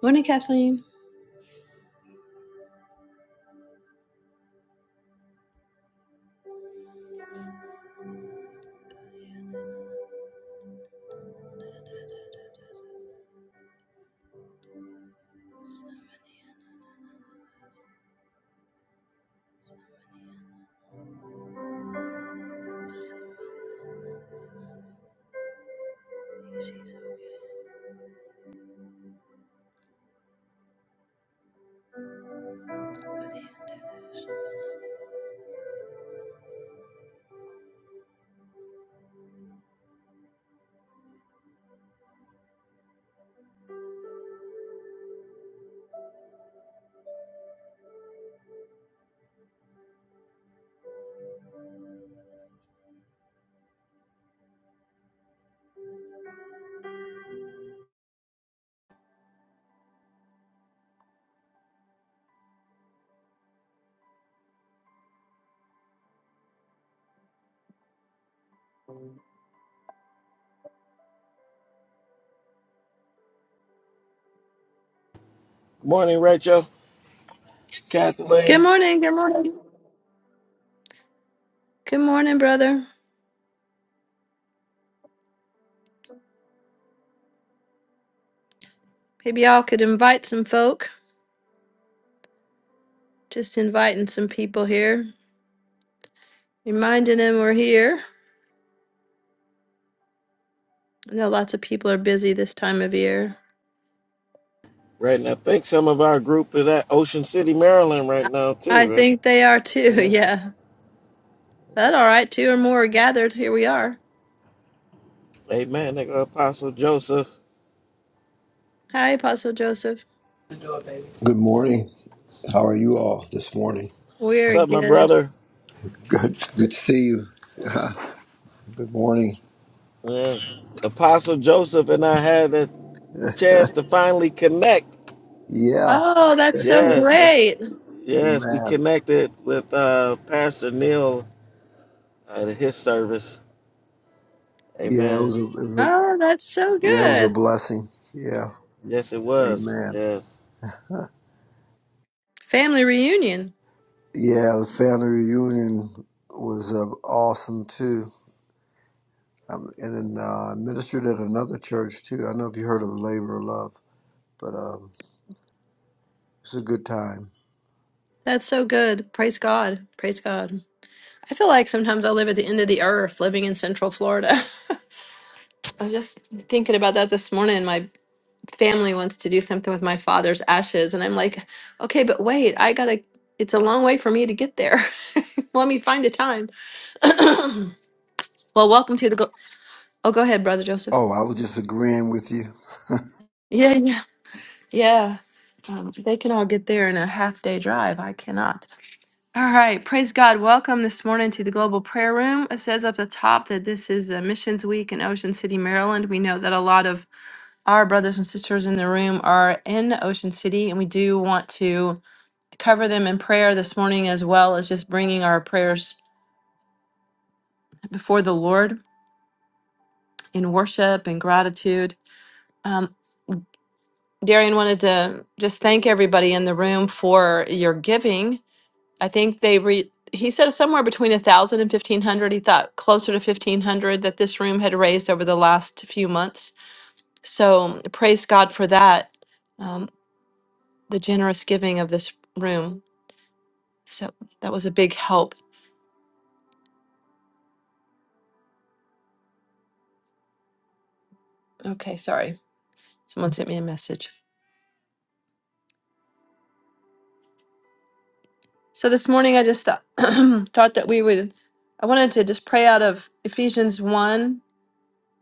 Morning, Kathleen. Morning, Rachel, Good Kathleen. morning. Good morning. Good morning, brother. Maybe y'all could invite some folk. Just inviting some people here, reminding them we're here. I know lots of people are busy this time of year. Right now, I think some of our group is at Ocean City, Maryland, right I now I too, right? think they are too. Yeah. Yeah. That's all yeah. right. Two or more are gathered. Here we are. Amen. They got Apostle Joseph. Hi, Apostle Joseph. Good morning. How are you all this morning? What's We're up, my good. brother? Good. Good to see you. Yeah. Good morning. Yes. Apostle Joseph and I had a chance to finally connect. Yeah. Oh, that's so Yes. great. Yes, we Amen. connected with uh, Pastor Neil at his service. Yeah, it Amen. was a, it was a Oh, that's so yeah, it was a good. blessing. Yeah. Yes, it was. Amen. Yes. Family reunion. Yeah, the family reunion was uh, awesome too. Um, and then uh, I ministered at another church too. I don't know if you heard of Labor of Love, but um, it's a good time. That's so good. Praise God. Praise God. I feel like sometimes I live at the end of the earth living in Central Florida. I was just thinking about that this morning. My family wants to do something with my father's ashes. And I'm like, okay, but wait, I gotta, it's a long way for me to get there. Let me find a time. well, welcome to the, go- oh, go ahead, Brother Joseph. Oh, I was just agreeing with you. Yeah, yeah, yeah. Um, they can all get there in a half day drive. I cannot. All right, praise God. Welcome this morning to the Global Prayer Room. It says up the top that this is a Missions Week in Ocean City, Maryland. We know that a lot of our brothers and sisters in the room are in Ocean City, and we do want to cover them in prayer this morning as well as just bringing our prayers before the Lord in worship and gratitude. Um, Darian wanted to just thank everybody in the room for your giving I think they re, he said somewhere between a thousand and fifteen hundred. He thought closer to fifteen hundred that this room had raised over the last few months. So praise God for that, um, the generous giving of this room. So that was a big help. Okay, sorry, someone sent me a message. So this morning I just thought thought that we would. I wanted to just pray out of Ephesians one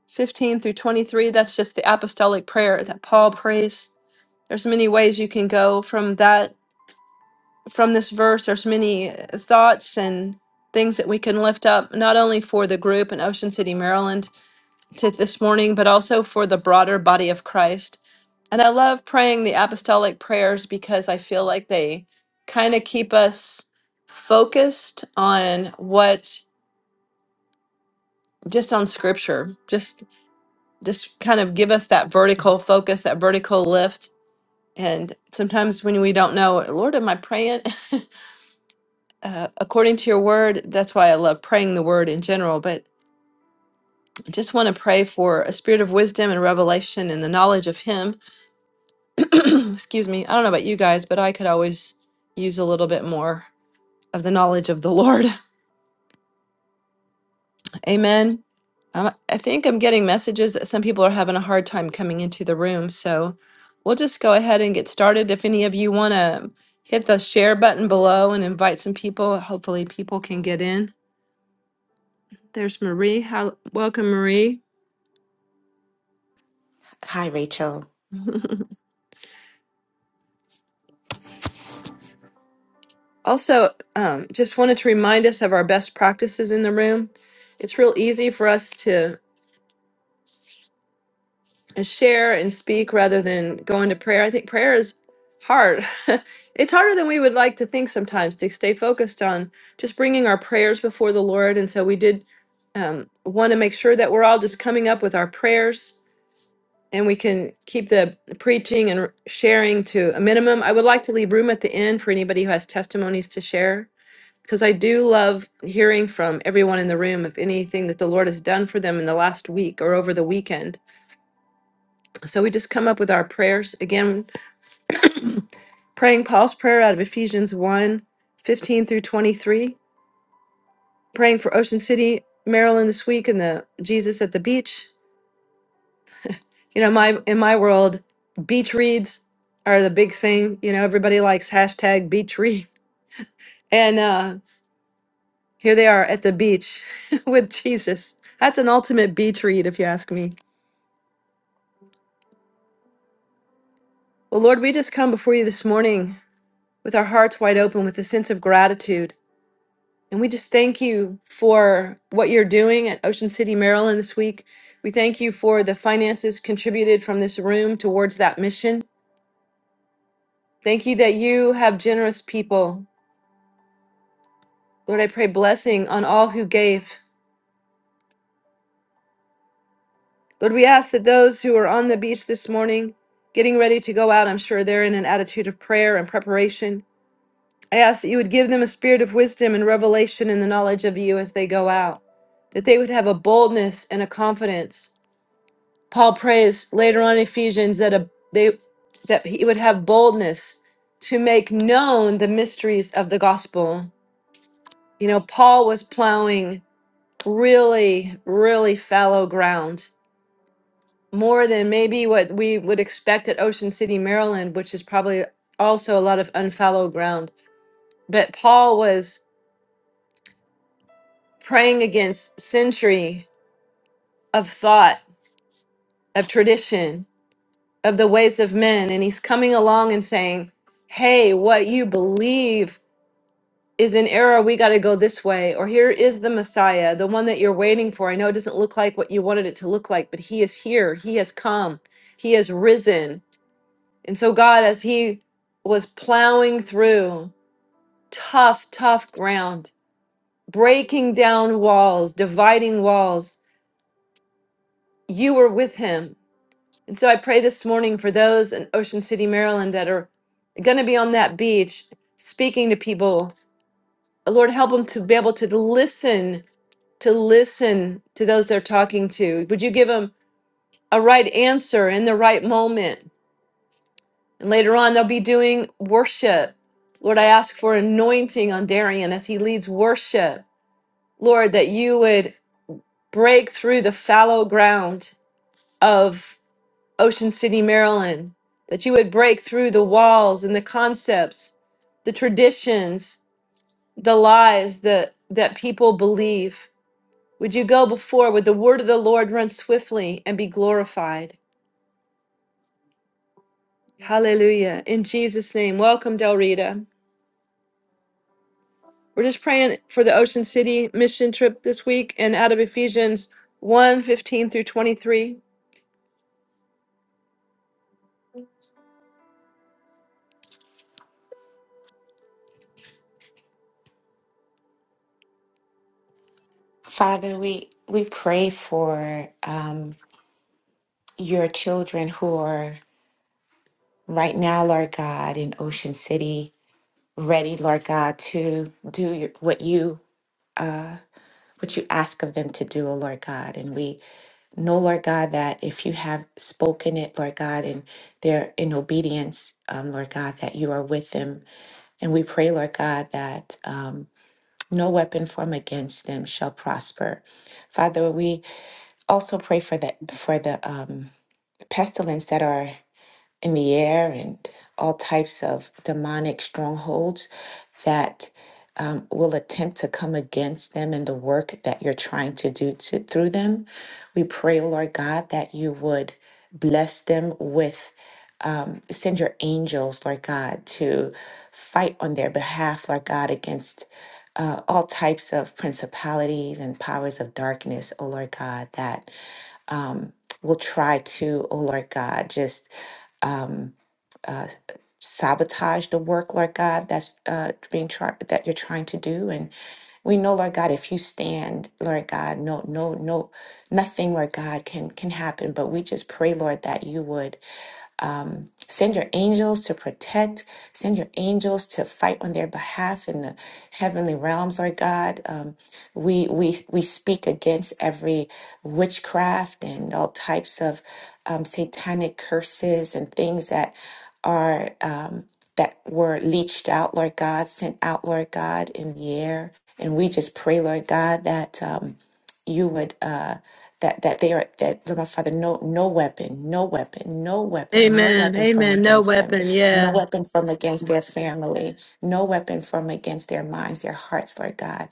15 through 23. That's just the apostolic prayer that Paul prays. There's many ways you can go from that from this verse, there's many uh, thoughts and things that we can lift up, not only for the group in Ocean City, Maryland to this morning, but also for the broader body of Christ. And I love praying the apostolic prayers because I feel like they kind of keep us focused on what just on scripture just just kind of give us that vertical focus that vertical lift and sometimes when we don't know lord am i praying uh, according to your word, that's why I love praying the word in general, but I just want to pray for a spirit of wisdom and revelation and the knowledge of Him. Excuse me. I don't know about you guys, but I could always use a little bit more of the knowledge of the Lord. Amen. Um, I think I'm getting messages that some people are having a hard time coming into the room. So we'll just go ahead and get started. If any of you want to hit the share button below and invite some people, hopefully people can get in. There's Marie. How, welcome, Marie. Hi, Rachel. Also, um, just wanted to remind us of our best practices in the room. It's real easy for us to share and speak rather than go into prayer. I think prayer is hard. it's harder than we would like to think sometimes to stay focused on just bringing our prayers before the Lord. And so we did um, want to make sure that we're all just coming up with our prayers and we can keep the preaching and sharing to a minimum. I would like to leave room at the end for anybody who has testimonies to share because I do love hearing from everyone in the room of anything that the Lord has done for them in the last week or over the weekend. So we just come up with our prayers. Again, praying Paul's prayer out of Ephesians one, 15 through 23, praying for Ocean City, Maryland this week and the Jesus at the beach. You know, my in my world, beach reads are the big thing. You know, everybody likes hashtag beach read. And uh, here they are at the beach with Jesus. That's an ultimate beach read, if you ask me. Well, Lord, we just come before you this morning with our hearts wide open with a sense of gratitude. And we just thank you for what you're doing at Ocean City, Maryland this week. We thank you for the finances contributed from this room towards that mission. Thank you that you have generous people. Lord, I pray blessing on all who gave. Lord, we ask that those who are on the beach this morning, getting ready to go out, I'm sure they're in an attitude of prayer and preparation. I ask that you would give them a spirit of wisdom and revelation in the knowledge of you as they go out, that they would have a boldness and a confidence. Paul prays later on in Ephesians that a, they that he would have boldness to make known the mysteries of the gospel. You know, Paul was plowing really, really fallow ground, more than maybe what we would expect at Ocean City, Maryland, which is probably also a lot of unfallow ground. But Paul was praying against century of thought, of tradition, of the ways of men. And he's coming along and saying, Hey, what you believe is an error. We got to go this way. Or here is the Messiah, the one that you're waiting for. I know it doesn't look like what you wanted it to look like, but he is here. He has come. He has risen. And so, God, as he was plowing through tough, tough ground, breaking down walls, dividing walls, you were with him And so I pray this morning for those in Ocean City, Maryland that are going to be on that beach speaking to people. Lord, help them to be able to listen, to listen to those they're talking to. Would you give them a right answer in the right moment? And later on, they'll be doing worship. Lord, I ask for anointing on Darian as he leads worship. Lord, that you would break through the fallow ground of. Ocean City, Maryland, that you would break through the walls and the concepts, the traditions, the lies that, that people believe. Would you go before? Would the word of the Lord run swiftly and be glorified? Hallelujah. In Jesus' name, welcome, Del Rita. We're just praying for the Ocean City mission trip this week and out of Ephesians 1 fifteen through 23. Father, we we pray for um, your children who are right now, Lord God, in Ocean City, ready, Lord God, to do your, what you uh, what you ask of them to do, oh Lord God. And we know, Lord God, that if you have spoken it, Lord God, and they're in obedience, um, Lord God, that you are with them. And we pray, Lord God, that um, no weapon formed against them shall prosper. Father, we also pray for the for the um, pestilence that are in the air and all types of demonic strongholds that um, will attempt to come against them and the work that you're trying to do to, through them. We pray, oh Lord God, that you would bless them with um, send your angels, Lord God, to fight on their behalf, Lord God, against uh, all types of principalities and powers of darkness, oh Lord God, that um, will try to, oh Lord God, just um, uh, sabotage the work, Lord God, that's uh, being tried that you're trying to do. And we know, Lord God, if you stand, Lord God, no, no, no, nothing, Lord God, can can happen. But we just pray, Lord, that you would um, send your angels to protect, send your angels to fight on their behalf in the heavenly realms, Lord God. Um, we, we, we speak against every witchcraft and all types of um, satanic curses and things that are, um, that were leached out, Lord God, sent out, Lord God, in the air. And we just pray, Lord God, that um, you would. Uh, that that they are that Lord my Father, no no weapon, no weapon, no weapon, no Amen. weapon from Amen. No against them, weapon. no Yeah. weapon from against their family, no weapon from against their minds, their hearts, Lord God.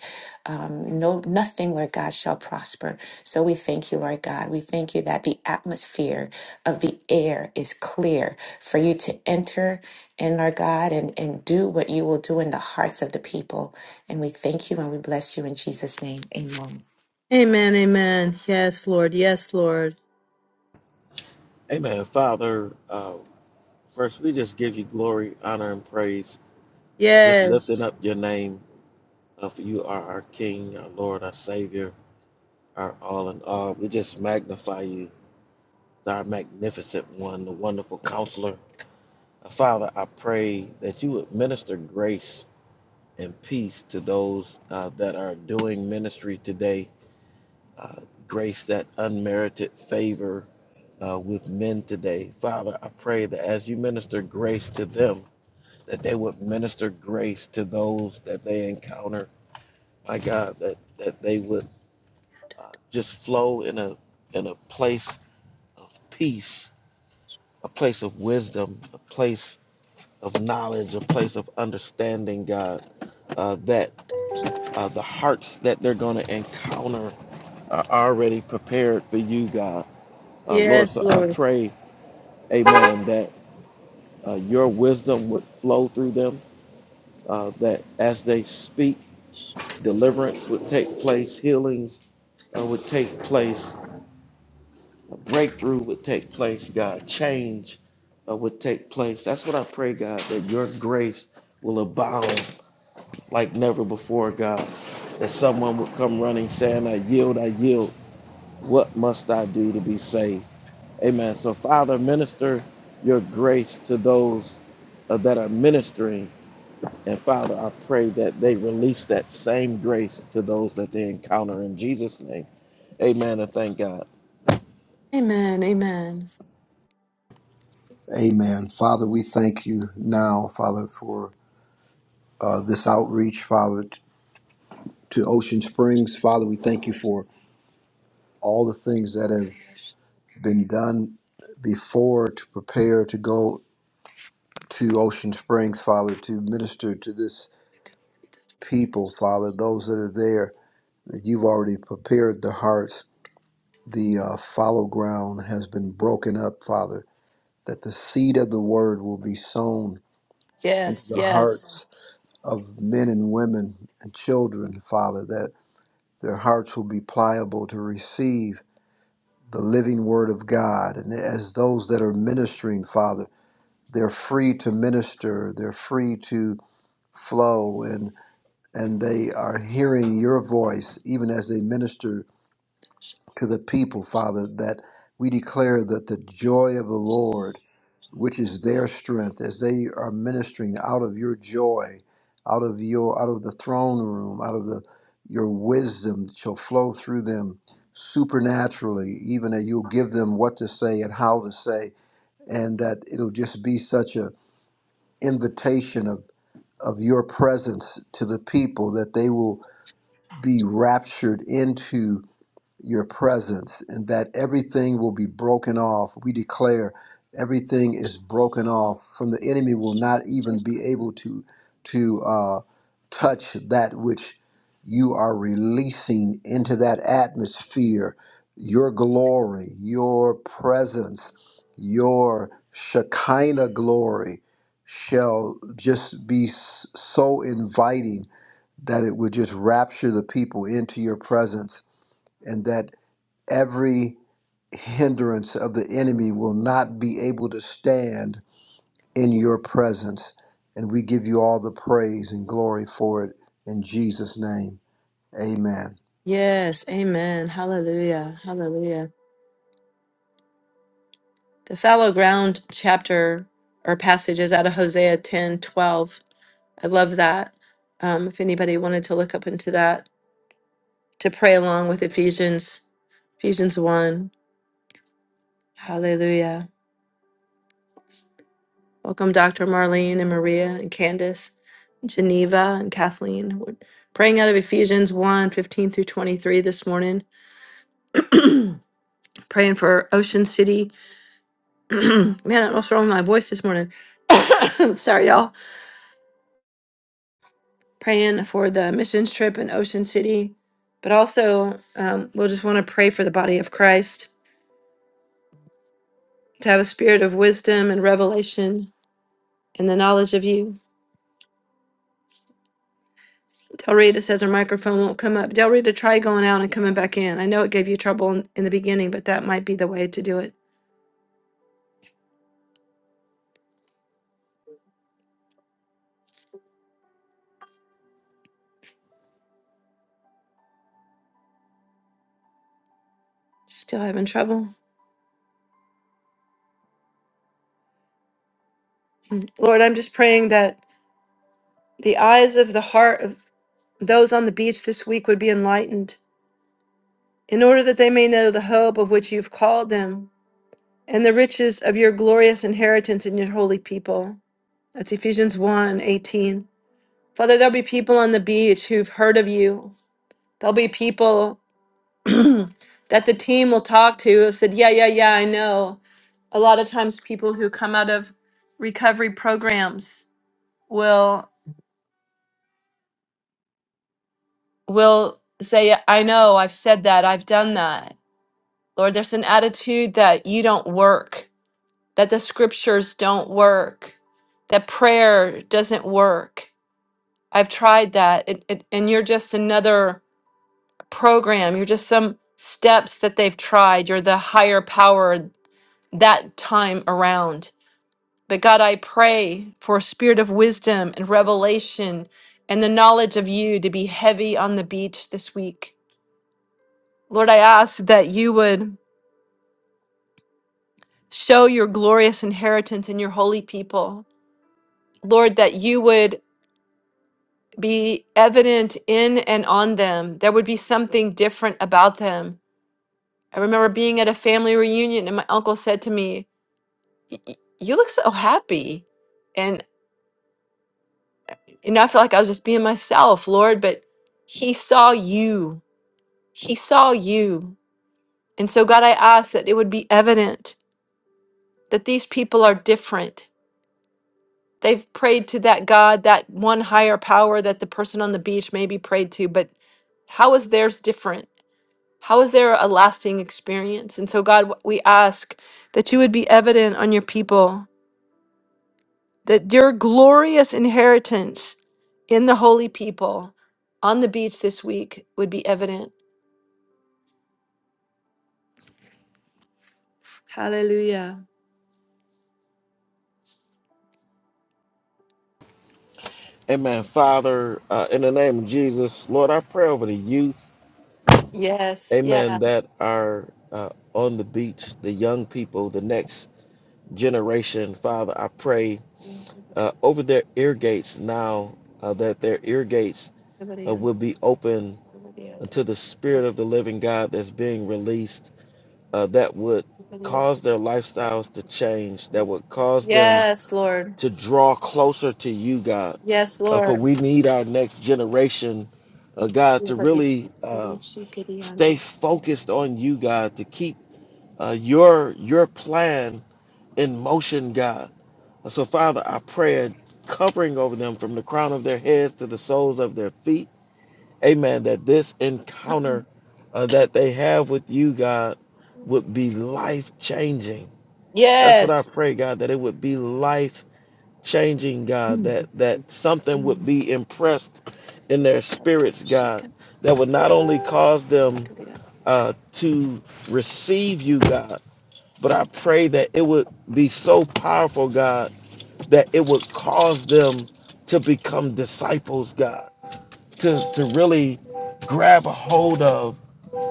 Um, no nothing, Lord God, shall prosper. So we thank you, Lord God. We thank you that the atmosphere of the air is clear for you to enter in, Lord God, and, and do what you will do in the hearts of the people. And we thank you and we bless you in Jesus' name. Amen. Amen. Amen. Yes, Lord. Yes, Lord. Amen. Father, uh, first we just give you glory, honor, and praise. Uh, just Yes. lifting up your name. Uh, for you are our King, our Lord, our Savior, our all in all. We just magnify you, our magnificent one, the wonderful counselor. Uh, Father, I pray that you would minister grace and peace to those uh, that are doing ministry today. Uh, grace that unmerited favor uh, with men today. Father, I pray that as you minister grace to them, that they would minister grace to those that they encounter my God, that, that they would uh, just flow in a in a place of peace, a place of wisdom, a place of knowledge, a place of understanding, God, uh, that uh, the hearts that they're going to encounter are already prepared for you, God. Uh, Lord, Yes, so I Lord. pray, amen, that uh, your wisdom would flow through them, uh, that as they speak, deliverance would take place, healings uh, would take place, breakthrough would take place, God. Change uh, would take place. That's what I pray, God, that your grace will abound like never before, God. That someone would come running saying, I yield, I yield. What must I do to be saved? Amen. So, Father, minister your grace to those uh, that are ministering. And Father, I pray that they release that same grace to those that they encounter in Jesus' name. Amen. And thank God. Amen. Amen. Amen. Father, we thank you now, Father, for uh, this outreach, Father. to Ocean Springs. Father, we thank you for all the things that have been done before to prepare to go to Ocean Springs, Father, to minister to this people, Father, those that are there, that you've already prepared the hearts. The uh, fallow ground has been broken up, Father, that the seed of the word will be sown into Yes, the yes, hearts of men and women and children, Father, that their hearts will be pliable to receive the living word of God. And as those that are ministering, Father, they're free to minister, they're free to flow, and, and they are hearing your voice even as they minister to the people, Father, that we declare that the joy of the Lord which is their strength as they are ministering out of your joy out of your out of the throne room out of the your wisdom shall flow through them supernaturally even that you'll give them what to say and how to say and that it'll just be such a invitation of of your presence to the people that they will be raptured into your presence and that everything will be broken off. We declare everything is broken off from the enemy will not even be able to to uh, touch that which you are releasing into that atmosphere, your glory, your presence, your Shekinah glory shall just be s- so inviting that it would just rapture the people into your presence and that every hindrance of the enemy will not be able to stand in your presence. And we give you all the praise and glory for it in Jesus' name. Amen. yes. Amen. Hallelujah. Hallelujah. The fallow ground chapter or passage is out of Hosea 10:12. I love that. Um, if anybody wanted to look up into that to pray along with Ephesians, Ephesians 1. Hallelujah. Welcome, Dr. Marlene and Maria and Candace, Geneva and Kathleen. We're praying out of Ephesians 1 fifteen through 23 this morning, praying for Ocean City. Man, I don't know what's wrong with my voice this morning. Sorry, y'all. Praying for the missions trip in Ocean City, but also um, we'll just want to pray for the body of Christ to have a spirit of wisdom and revelation and the knowledge of you. Del Rita says her microphone won't come up. Del Rita, try going out and coming back in. I know it gave you trouble in, in the beginning, but that might be the way to do it. Still having trouble? Mm. Lord, I'm just praying that the eyes of the heart of those on the beach this week would be enlightened in order that they may know the hope of which you've called them and the riches of your glorious inheritance in your holy people. That's Ephesians 1 eighteen. Father, there'll be people on the beach who've heard of you. There'll be people that the team will talk to who said, Yeah, yeah, yeah, I know. A lot of times people who come out of recovery programs will will say, I know, I've said that, I've done that. Lord, there's an attitude that you don't work that the scriptures don't work, that prayer doesn't work. I've tried that. It, it, and you're just another program. You're just some steps that they've tried. You're the higher power that time around. But God, I pray for a spirit of wisdom and revelation and the knowledge of you to be heavy on the beach this week. Lord, I ask that you would show your glorious inheritance in your holy people. Lord, that you would be evident in and on them. There would be something different about them. I remember being at a family reunion and my uncle said to me, "Y- y- You look so happy. And, and I felt like I was just being myself, Lord, but he saw you. He saw you. And so, God, I ask that it would be evident that these people are different. They've prayed to that God, that one higher power that the person on the beach maybe prayed to, but how is theirs different? How is there a lasting experience? And so, God, wh- we ask that you would be evident on your people, that your glorious inheritance in the holy people on the beach this week would be evident. Hallelujah. Amen. Father, uh, in the name of Jesus, Lord, I pray over the youth, Yes. Yeah. amen, that are uh, on the beach, the young people, the next generation. Father, I pray uh, over their ear gates now, uh, that their ear gates uh, will be open to the Spirit of the living God that's being released, uh, that would cause their lifestyles to change, that would cause them Yes, Lord. to draw closer to you, God. Yes, Uh, for Lord. we need our next generation, uh, God, to really uh, stay focused on you, God, to keep uh, your your plan in motion, God. Uh, So, Father, I pray a covering over them from the crown of their heads to the soles of their feet. Amen. That this encounter uh, that they have with you, God, would be life changing. That's what I pray, God, that it would be life changing, God, that that something would be impressed in their spirits, God, that would not only cause them Yes. uh, to receive you, God, but I pray that it would be so powerful, God, that it would cause them to become disciples, God, to to really grab a hold of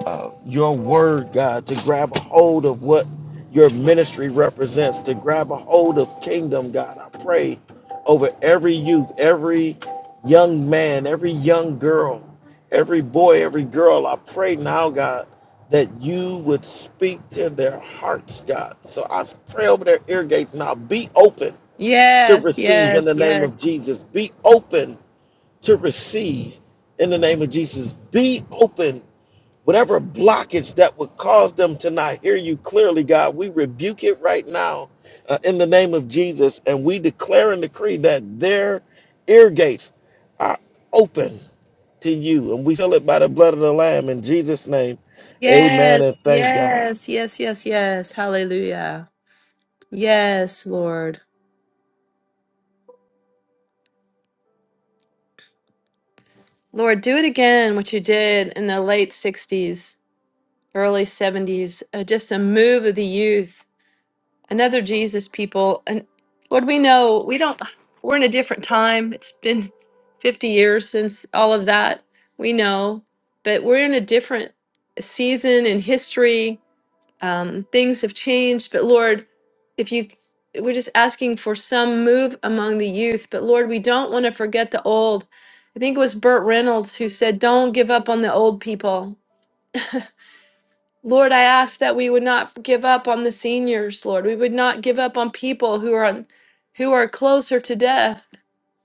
uh, your word, God, to grab a hold of what your ministry represents, to grab a hold of kingdom, God. I pray over every youth, every young man, every young girl, every boy, every girl. I pray now, God, that you would speak to their hearts, God. So I pray over their ear gates now. Be open to Yes, receive in the yes, name yes, of Jesus. Be open to receive in the name of Jesus. Be open Whatever blockage that would cause them to not hear you clearly, God, we rebuke it right now uh, in the name of Jesus. And we declare and decree that their ear gates are open to you. And we seal it by the blood of the Lamb in Jesus' name. Amen. And yes, thank God. yes, yes, yes, yes. Hallelujah. Yes, Lord. Lord, do it again, what you did in the late 60s, early 70s, uh, just a move of the youth, another Jesus people. And Lord, we know we don't, we're in a different time. It's been 50 years since all of that. We know, but we're in a different season in history um, things have changed but lord if you we're just asking for some move among the youth but lord we don't want to forget the old i think it was burt reynolds who said don't give up on the old people lord i ask that we would not give up on the seniors lord we would not give up on people who are on, who are closer to death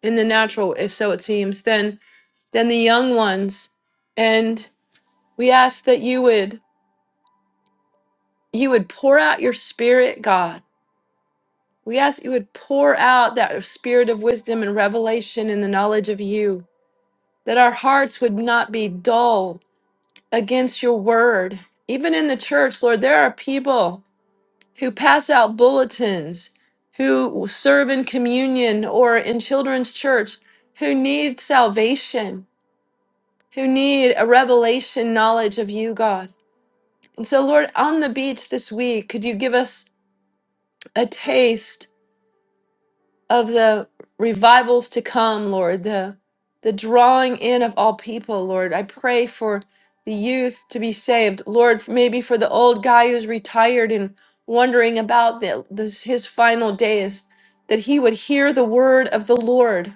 in the natural if so it seems than than the young ones and we ask that you would you would pour out your spirit god We ask you would pour out that spirit of wisdom and revelation in the knowledge of you, that our hearts would not be dull against your word. Even in the church, Lord, there are people who pass out bulletins, who serve in communion or in children's church, who need salvation, who need a revelation knowledge of you, God. And so, Lord, on the beach this week, could you give us a taste? of the revivals to come, Lord, the the drawing in of all people, Lord. I pray for the youth to be saved, Lord. f- Maybe for the old guy who's retired and wondering about the, this, his final days, that he would hear the word of the Lord.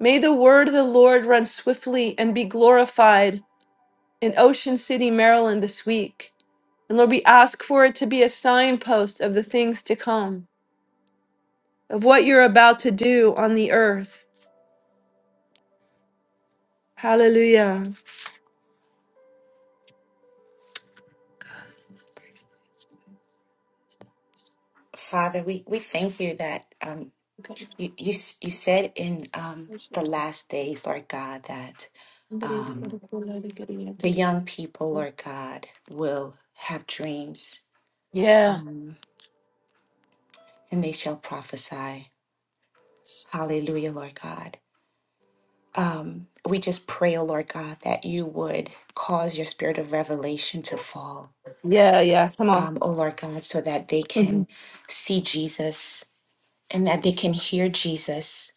May the word of the Lord run swiftly and be glorified in Ocean City, Maryland, this week. And Lord, we ask for it to be a signpost of the things to come, of what you're about to do on the earth. Hallelujah. Father, we, we thank you that um, you, you, s- you said in um, the last days, Lord God, that um, the young people, Lord God, will have dreams Yeah. um, and they shall prophesy. Hallelujah, Lord God. Um, we just pray, oh Lord God, that you would cause your spirit of revelation to fall, Yeah. Yeah. Come on. um, oh Lord God, so that they Mhm. can see Jesus and that they can hear Jesus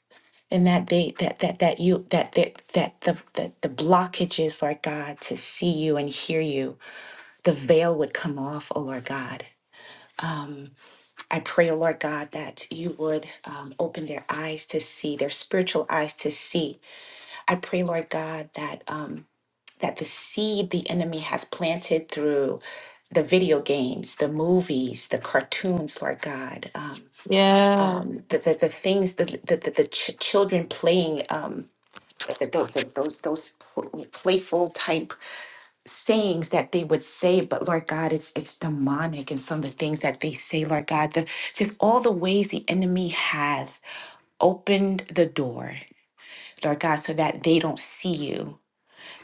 and that they that that that you that that that the the, the blockages lord god to see you and hear you the veil would come off oh lord god um, I pray, oh Lord God, that you would um, open their eyes to see, their spiritual eyes to see. I pray, Lord God, that um, that the seed the enemy has planted through the video games, the movies, the cartoons, Lord God, um, Yeah. um, the, the the things that the, the, the ch- children playing. Um, th- th- th- those those pl- playful type sayings that they would say but lord god it's it's demonic and some of the things that they say lord god the just all the ways the enemy has opened the door lord god so that they don't see you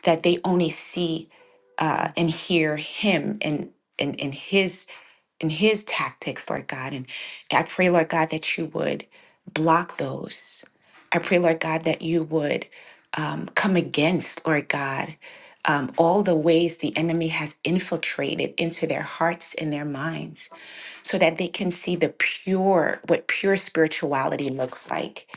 that they only see uh and hear him and and, and his and his tactics, Lord God. And I pray, Lord God, that you would block those. I pray, Lord God, that you would um, come against, Lord God, um, all the ways the enemy has infiltrated into their hearts and their minds so that they can see the pure, what pure spirituality looks like.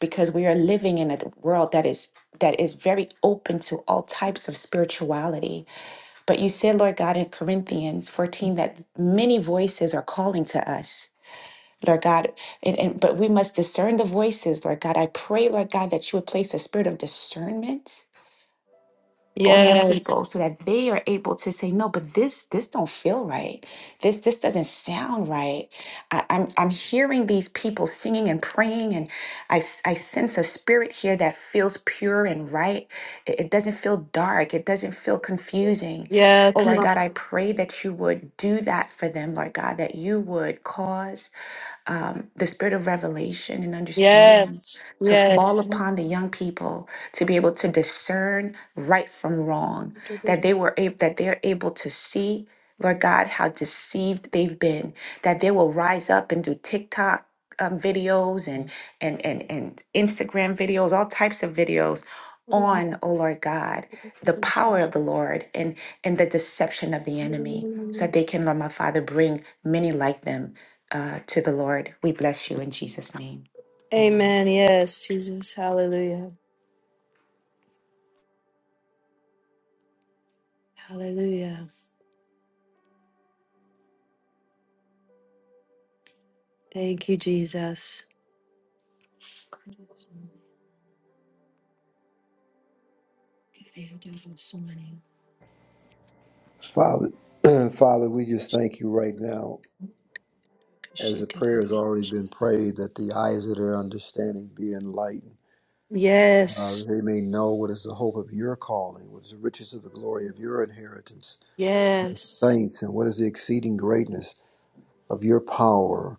Because we are living in a world that is that is very open to all types of spirituality but you said, Lord God, in Corinthians 14, that many voices are calling to us. Lord God, and, and but we must discern the voices, Lord God. I pray, Lord God, that you would place a spirit of discernment on your people Yes. so that they are able to say no but this this don't feel right this this doesn't sound right I, i'm i'm hearing these people singing and praying and I, s- I sense a spirit here that feels pure and right it, it doesn't feel dark it doesn't feel confusing Yeah. oh Come lord on. god i pray that you would do that for them lord god that you would cause um, the spirit of revelation and understanding Yeah. Yes. to fall Yes. upon the young people to be able to discern right from wrong, that they were able, that they're able to see, Lord God, how deceived they've been, that they will rise up and do TikTok um, videos and and and and Instagram videos, all types of videos on, oh Lord God, the power of the Lord and and the deception of the enemy, so that they can, Lord my Father, bring many like them uh, to the Lord. We bless you in Jesus' name. Amen. Amen. Yes, Jesus. Hallelujah. Hallelujah. Thank you, Jesus. Father, Father, we just thank you right now. As the prayer has already been prayed, that the eyes of their understanding be enlightened. Uh, Yes. they may know what is the hope of your calling, what is the riches of the glory of your inheritance, Yes. saints, and what is the exceeding greatness of your power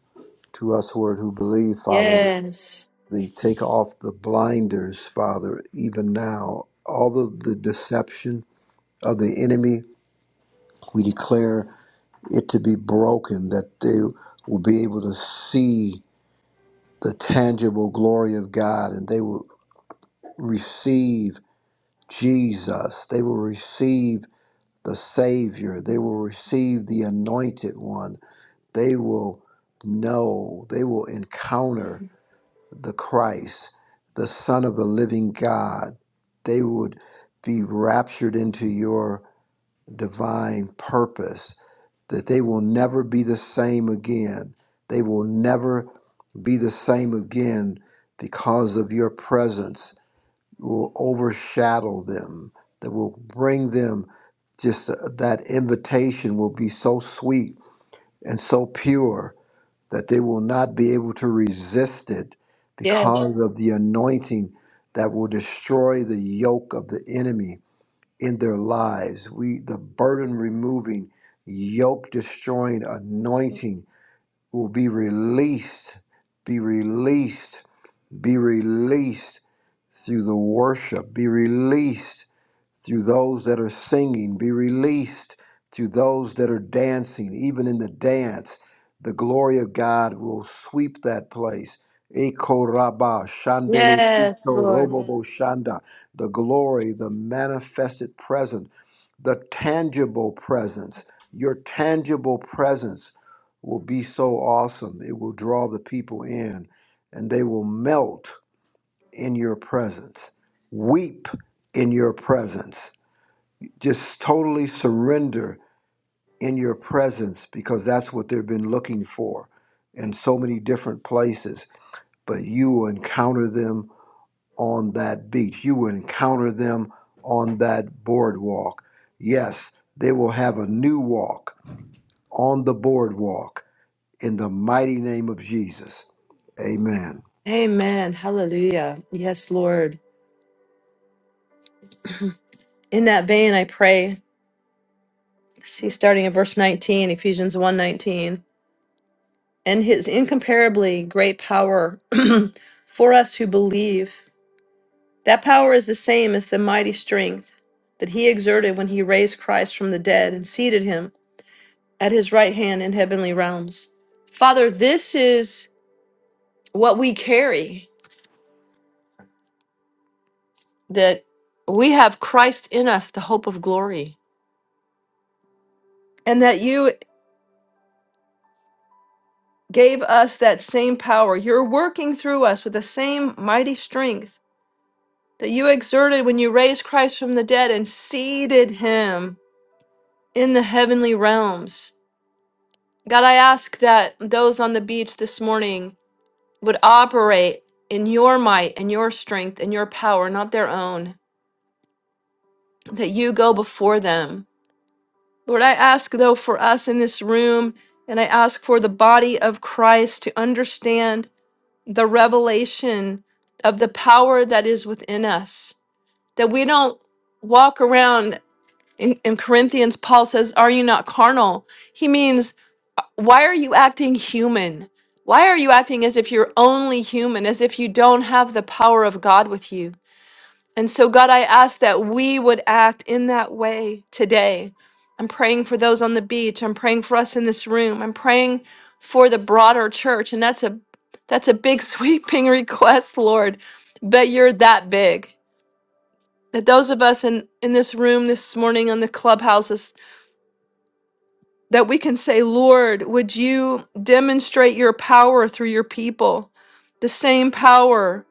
to us, Lord, who believe, Father, that Yes. we take off the blinders, Father, even now. All of the deception of the enemy, we declare it to be broken, that they will be able to see the tangible glory of God and they will receive Jesus. They will receive the Savior. They will receive the Anointed One. They will know, they will encounter the Christ, the Son of the living God. They would be raptured into your divine purpose, that they will never be the same again. They will never be the same again because of your presence will overshadow them, that will bring them just uh, that invitation will be so sweet and so pure that they will not be able to resist it Yes. because of the anointing that will destroy the yoke of the enemy in their lives. We the burden removing, yoke destroying anointing will be released, be released be released through the worship. Be released through those that are singing. Be released through those that are dancing. Even in the dance, the glory of God will sweep that place. Eko raba shandere Yes, kito Lord. robobo shanda. The glory, the manifested presence, the tangible presence. Your tangible presence will be so awesome. It will draw the people in and they will melt in your presence, weep in your presence, just totally surrender in your presence because that's what they've been looking for in so many different places. But you will encounter them on that beach, you will encounter them on that boardwalk. Yes, they will have a new walk on the boardwalk in the mighty name of Jesus. Amen. Amen. Hallelujah. Yes, Lord. In that vein, I pray. See, starting at verse 19, Ephesians 1 nineteen. and his incomparably great power for us who believe. That power is the same as the mighty strength that he exerted when he raised Christ from the dead and seated him at his right hand in heavenly realms. Father, this is what we carry that we have Christ in us, the hope of glory and that you. gave us that same power. You're working through us with the same mighty strength that you exerted when you raised Christ from the dead and seated him in the heavenly realms. God, I ask that those on the beach this morning would operate in your might and your strength and your power, not their own, that you go before them. Lord, I ask though for us in this room, and I ask for the body of Christ to understand. the revelation of the power that is within us. That we don't walk around in, in Corinthians, Paul says, Are you not carnal? He means, Why are you acting human? Why are you acting as if you're only human, as if you don't have the power of God with you? And so, God, I ask that we would act in that way today. I'm praying for those on the beach. I'm praying for us in this room. I'm praying for the broader church. And that's a that's a big sweeping request, Lord. But you're that big. That those of us in, in this room this morning on the clubhouses, that we can say, Lord, would you demonstrate your power through your people? The same power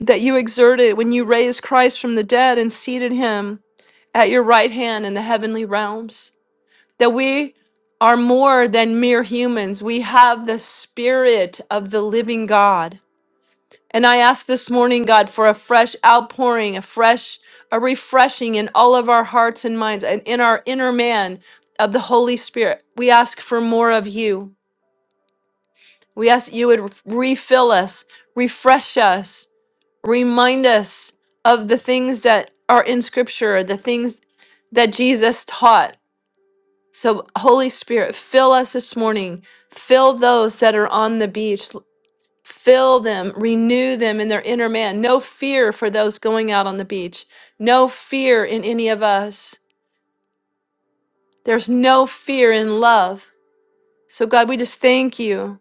that you exerted when you raised Christ from the dead and seated him at your right hand in the heavenly realms, that we are more than mere humans. We have the spirit of the living God. And I ask this morning, God, for a fresh outpouring, a fresh, a refreshing in all of our hearts and minds and in our inner man of the Holy Spirit. We ask for more of you. We ask you would refill us, refresh us, remind us of the things that are in Scripture, the things that Jesus taught So, Holy Spirit, fill us this morning. Fill those that are on the beach. L- Fill them, renew them in their inner man. No fear for those going out on the beach. No fear in any of us. There's no fear in love. So, God, we just thank you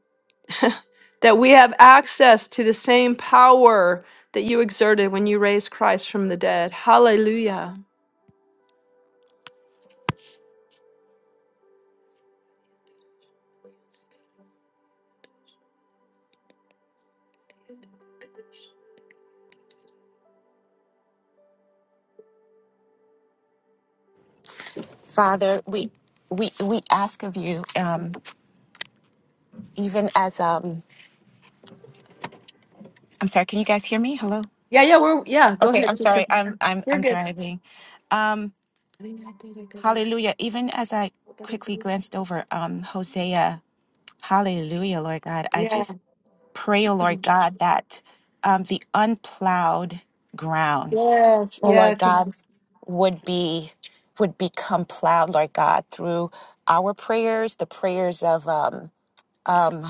that we have access to the same power that you exerted when you raised Christ from the dead. Hallelujah. Father, we we we ask of you, um, even as um, I'm sorry, can you guys hear me? Hello. Yeah, yeah, we're, yeah, go Okay, ahead, I'm sister. sorry. I'm I'm You're I'm good. driving. Um, hallelujah. Even as I quickly glanced over um, Hosea, Hallelujah, Lord God. I just pray, oh Lord God, that um, the unplowed grounds. Yes. Oh Yeah. Lord God. Come would be would become plowed, Lord God, through our prayers, the prayers of um, um,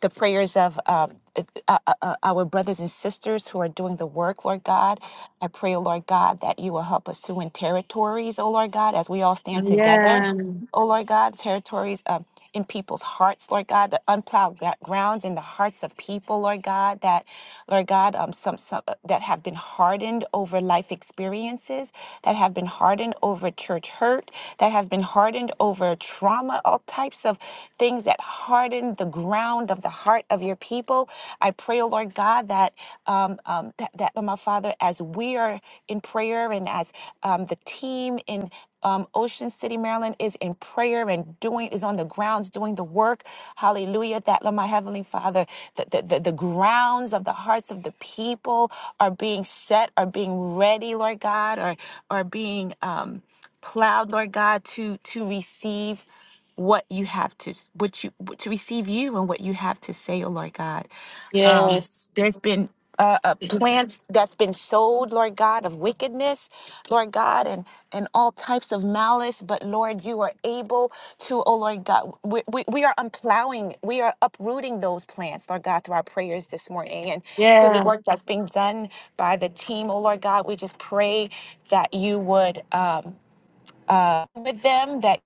the prayers of um, uh, uh, uh, uh, our brothers and sisters who are doing the work, Lord God. I pray, oh Lord God, that you will help us to win territories, oh Lord God, as we all stand on. together. Yeah. Oh Lord God, territories um, in people's hearts, Lord God, the unplowed gra- grounds in the hearts of people, Lord God, that Lord God, um, some, some uh, that have been hardened over life experiences, that have been hardened over church hurt, that have been hardened over trauma, all types of things that harden the ground of the heart of your people. I pray, oh Lord God, that um, um, that, that, oh my Father, as we are in prayer and as um, the team in um, Ocean City, Maryland, is in prayer and doing is on the grounds doing the work. Hallelujah! That Lord, my heavenly Father, the, the the the grounds of the hearts of the people are being set, are being ready, Lord God, are are being um, plowed, Lord God, to to receive what you have to s- what you to receive you and what you have to say, oh Lord God. Um, Yes. there's been uh, uh, plants that's been sowed, Lord God, of wickedness, Lord God, and and all types of malice. But Lord, you are able to, oh Lord God, we, we, we are unplowing, we are uprooting those plants, Lord God, through our prayers this morning and through the Yeah. work that's being done by the team, oh Lord God. We just pray that you would um, uh, with them, that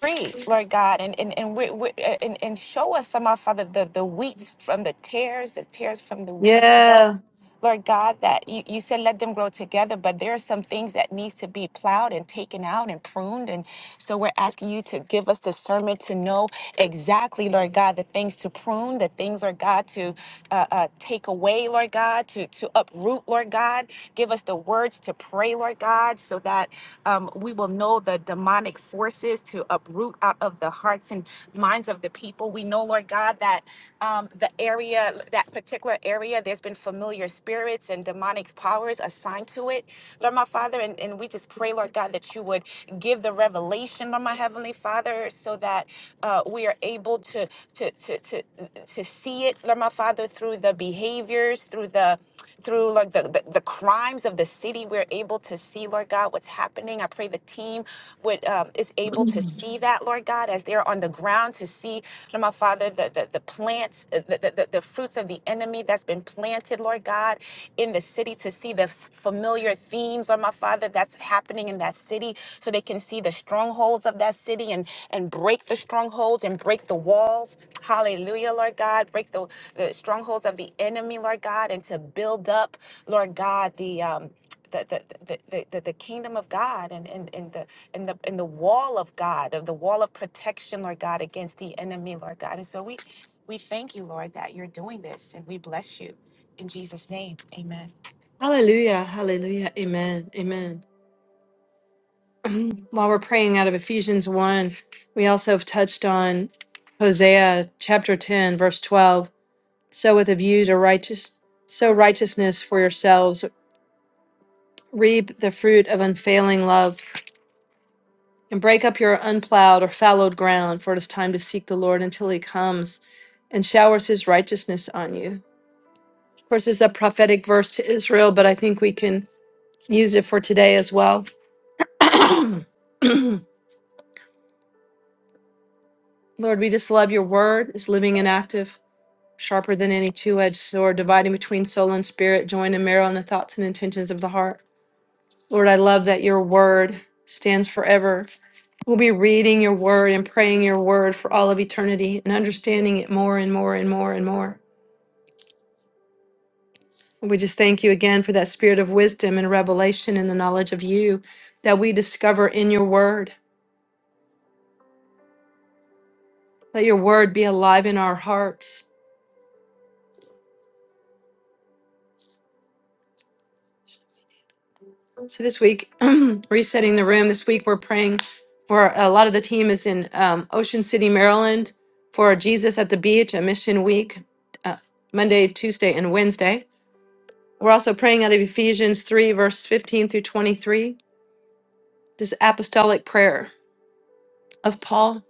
free, Lord God, and and and, we, we, and and show us, some Father, the the wheats from the tares, the tares from the wheat, Yeah. Lord God. That you, you said let them grow together, but there are some things that needs to be plowed and taken out and pruned, and so we're asking you to give us discernment to know exactly, Lord God, the things to prune, the things, Lord God, to uh, uh, take away, Lord God, to to uproot, Lord God. Give us the words to pray, Lord God, so that um, we will know the demonic forces to uproot fruit out of the hearts and minds of the people. We know, Lord God, that um, the area, that particular area, there's been familiar spirits and demonic powers assigned to it, Lord my Father. And, and we just pray, Lord God, that you would give the revelation, Lord my Heavenly Father, so that uh, we are able to, to to to to see it, Lord my Father, through the behaviors, through the through through, Lord, the, the, the crimes of the city. We're able to see, Lord God, what's happening. I pray the team would um, is able to see that, Lord God, as they're on the ground to see, Lord, my Father, the, the, the plants, uh, the, the, the fruits of the enemy that's been planted, Lord God, in the city to see the s- familiar themes, Lord, my Father, that's happening in that city so they can see the strongholds of that city and, and break the strongholds and break the walls. Hallelujah, Lord God. Break the, the strongholds of the enemy, Lord God, and to build up, Lord God, the um the the, the, the, the the kingdom of God and, and, and the and the and the wall of God, of the wall of protection, Lord God, against the enemy, Lord God. And so we we thank you, Lord, that you're doing this and we bless you. In Jesus' name, amen. Hallelujah. Hallelujah. Amen. Amen. While we're praying out of Ephesians 1, we also have touched on Hosea chapter 10, verse 12. So with a view to righteous sow righteousness for yourselves, reap the fruit of unfailing love, and break up your unplowed or fallowed ground, for it is time to seek the Lord until he comes and showers his righteousness on you. Of course, it's a prophetic verse to Israel, but I think we can use it for today as well. Lord, we just love your word. It's living and active, sharper than any two edged sword, dividing between soul and spirit, joined and marrow in the thoughts and intentions of the heart. Lord, I love that your word stands forever. We'll be reading your word and praying your word for all of eternity and understanding it more and more and more and more. We just thank you again for that spirit of wisdom and revelation and the knowledge of you that we discover in your word. Let your word be alive in our hearts. So this week, resetting the room. This week, we're praying for a lot of the team is in um, Ocean City, Maryland, for Jesus at the Beach, a mission week, uh, Monday, Tuesday, and Wednesday. We're also praying out of Ephesians 3, verse 15 through 23, this apostolic prayer of Paul.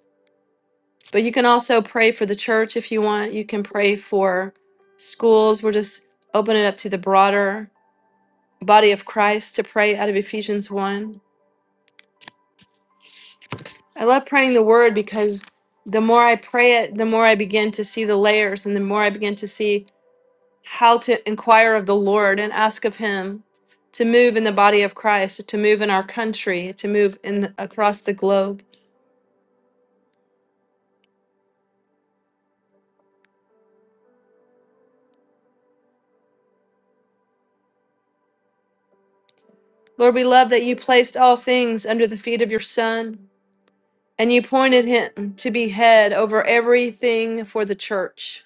But you can also pray for the church if you want. You can pray for schools. We're just opening it up to the broader body of Christ to pray out of Ephesians 1. I love praying the word because the more I pray it, the more I begin to see the layers and the more I begin to see how to inquire of the Lord and ask of him to move in the body of Christ, to move in our country, to move in across the globe. Lord, we love that you placed all things under the feet of your son and you pointed him to be head over everything for the church,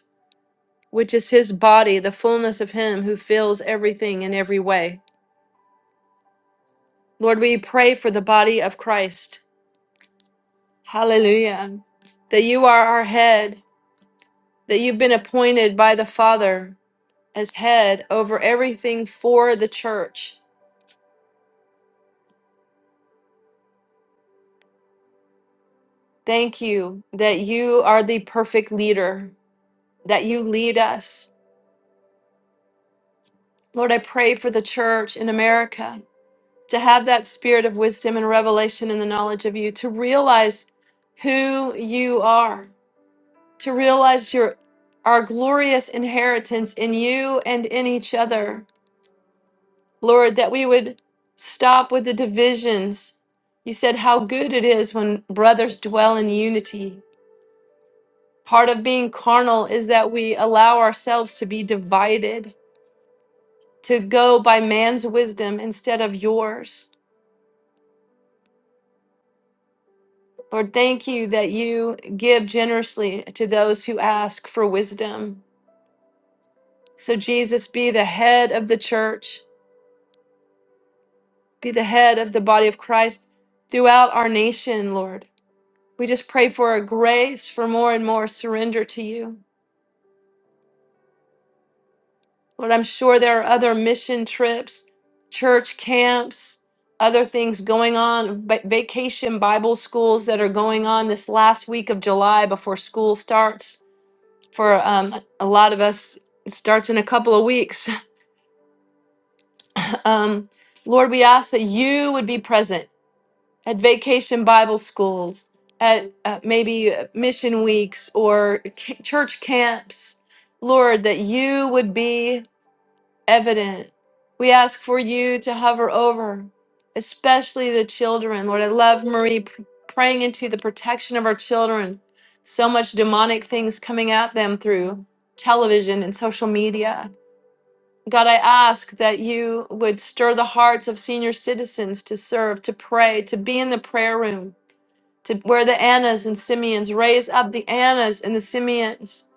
which is his body, the fullness of him who fills everything in every way. Lord, we pray for the body of Christ Hallelujah. That you are our head, that you've been appointed by the Father as head over everything for the church. Thank you that you are the perfect leader, that you lead us. Lord, I pray for the church in America to have that spirit of wisdom and revelation in the knowledge of you, to realize who you are, to realize your our glorious inheritance in you and in each other Lord, that we would stop with the divisions. You said how good it is when brothers dwell in unity. Part of being carnal is that we allow ourselves to be divided, to go by man's wisdom instead of yours. Lord, thank you that you give generously to those who ask for wisdom. So, Jesus, be the head of the church, be the head of the body of Christ throughout our nation, Lord. We just pray for a grace for more and more surrender to you. Lord, I'm sure there are other mission trips, church camps, other things going on, va- vacation Bible schools that are going on this last week of July before school starts. For um, a lot of us, it starts in a couple of weeks. Um, Lord, we ask that you would be present at vacation Bible schools, at uh, maybe uh, mission weeks or c- church camps, Lord, that you would be evident. We ask for you to hover over, especially the children. Lord, I love Marie pr- praying into the protection of our children. So much demonic things coming at them through television and social media. God, I ask that you would stir the hearts of senior citizens to serve, to pray, to be in the prayer room, to where the Annas and Simeons raise up the Annas and the Simeons,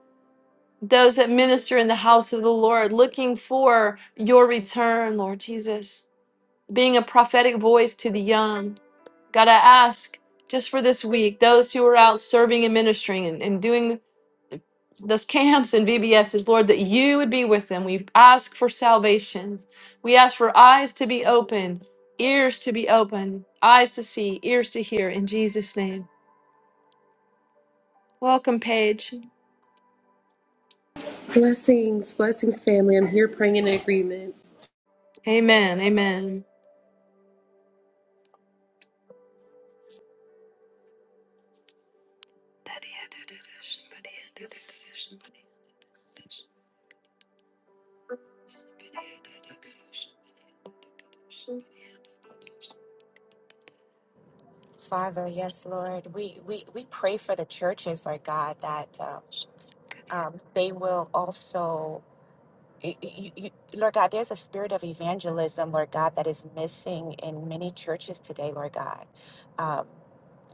those that minister in the house of the Lord, looking for your return, Lord Jesus, being a prophetic voice to the young. God, I ask just for this week, those who are out serving and ministering and, and doing those camps and VBSs, Lord, that you would be with them. We ask for salvation. We ask for eyes to be open, ears to be open, eyes to see, ears to hear, in Jesus' name. Welcome, Paige. Blessings, blessings, family. I'm here praying in agreement. Amen. Amen. Father, yes, Lord, we, we, we pray for the churches, Lord God, that um, um, they will also y- y- y- Lord God, there's a spirit of evangelism, Lord God, that is missing in many churches today, Lord God. Um,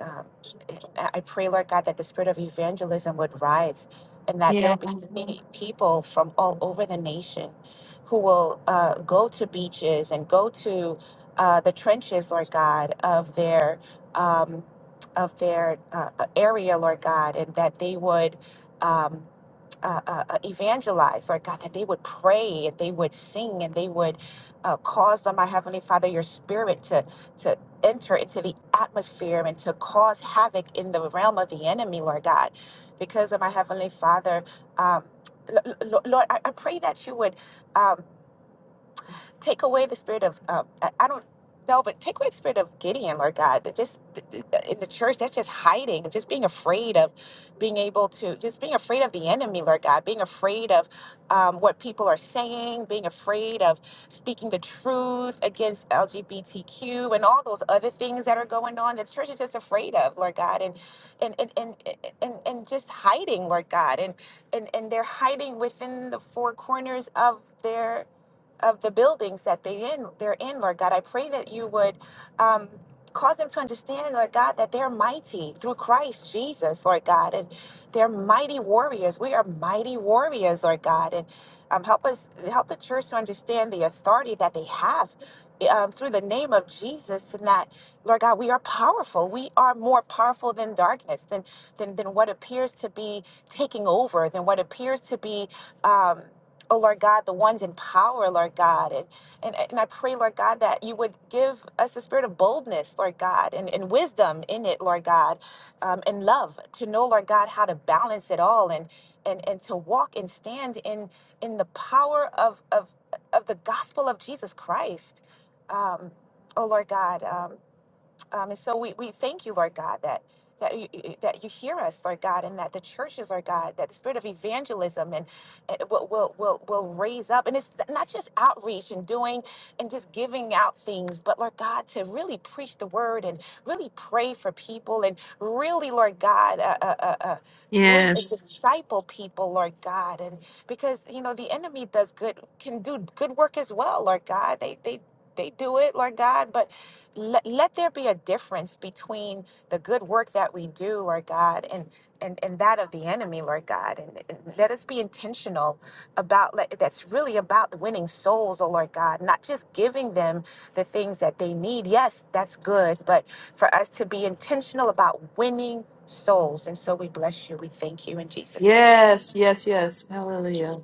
um, I I pray, Lord God, that the spirit of evangelism would rise and that there Yeah. will be so many people from all over the nation who will uh, go to beaches and go to uh, the trenches, Lord God, of their. Um, of their uh, area, Lord God, and that they would Um, uh, uh, uh, evangelize, Lord God, that they would pray and they would sing and they would uh, cause them, my Heavenly Father, your spirit to, to enter into the atmosphere and to cause havoc in the realm of the enemy, Lord God. Because of my Heavenly Father, um, L- L- Lord, I, I pray that you would. um, Take away the spirit of, um, I, I don't know, but take away the spirit of Gideon, Lord God. That just th- th- th- in the church, that's just hiding, just being afraid of being able to, just being afraid of the enemy, Lord God, being afraid of um, what people are saying, being afraid of speaking the truth against LGBTQ and all those other things that are going on that the church is just afraid of, Lord God, and and and and and, and just hiding, Lord God, and and and they're hiding within the four corners of their of the buildings that they in they're in, Lord God. I pray that you would um, cause them to understand, Lord God, that they're mighty through Christ Jesus, Lord God, and they're mighty warriors. We are mighty warriors, Lord God, and um, help us help the church to understand the authority that they have. Um, through the name of Jesus, and that Lord God, we are powerful. We are more powerful than darkness, than than than what appears to be taking over, than what appears to be. Um, oh Lord God, the ones in power, Lord God. And, and and I pray, Lord God, that you would give us the spirit of boldness, Lord God, and, and wisdom in it, Lord God, um, and love to know, Lord God, how to balance it all and and and to walk and stand in in the power of of of the gospel of Jesus Christ. Um, oh Lord God. um, um, and so we, we thank you, Lord God, that that you, that you hear us, Lord God, and that the churches, Lord God, that the spirit of evangelism and, and will, will will will raise up, and it's not just outreach and doing and just giving out things, but Lord God, to really preach the word and really pray for people and really, Lord God, uh, uh, uh, uh, bring and Yes. disciple people, Lord God, and because you know the enemy does good, can do good work as well, Lord God. They they they do it, Lord God, but let, let there be a difference between the good work that we do lord god and and, and that of the enemy lord god and, and let us be intentional about let, that's really about winning souls oh lord god not just giving them the things that they need yes that's good but for us to be intentional about winning souls and so we bless you we thank you in jesus name Yes, yes, yes. Hallelujah.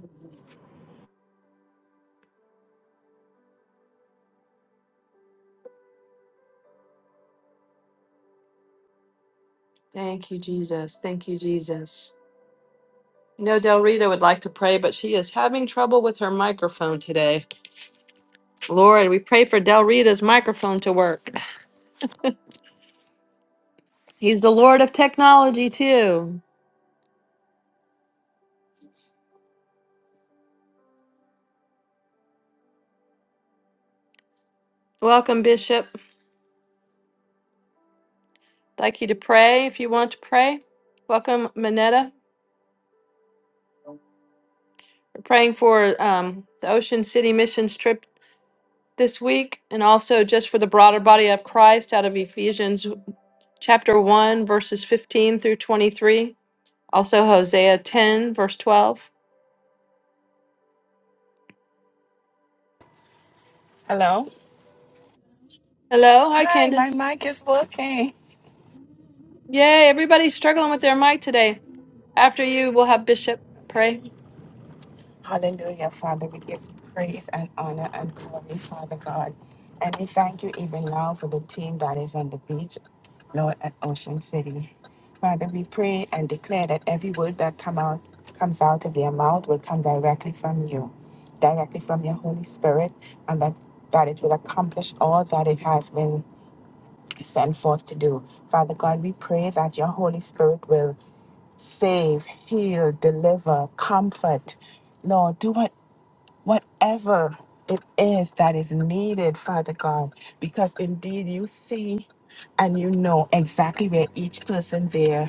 Thank you, Jesus. Thank you, Jesus. You know, Del Rita would like to pray, but she is having trouble with her microphone today. Lord, we pray for Del Rita's microphone to work. He's the Lord of technology, too. Welcome, Bishop. I'd like you to pray if you want to pray. Welcome, Manetta. We're praying for um, the Ocean City missions trip this week and also just for the broader body of Christ out of Ephesians chapter 1, verses 15 through 23. Also, Hosea 10, verse 12. Hello. Hello. Hi, Hi, my Candace. mic is working. Yay. Everybody's struggling with their mic today. After you, we'll have Bishop pray. Hallelujah, Father. We give praise and honor and glory, Father God. And we thank you even now for the team that is on the beach, Lord, at Ocean City. Father, we pray and declare that every word that come out comes out of their mouth will come directly from you, directly from your Holy Spirit, and that, that it will accomplish all that it has been sent forth to do. Father God, we pray that your Holy Spirit will save, heal, deliver, comfort. Lord, do what whatever it is that is needed, Father God, because indeed you see and you know exactly where each person there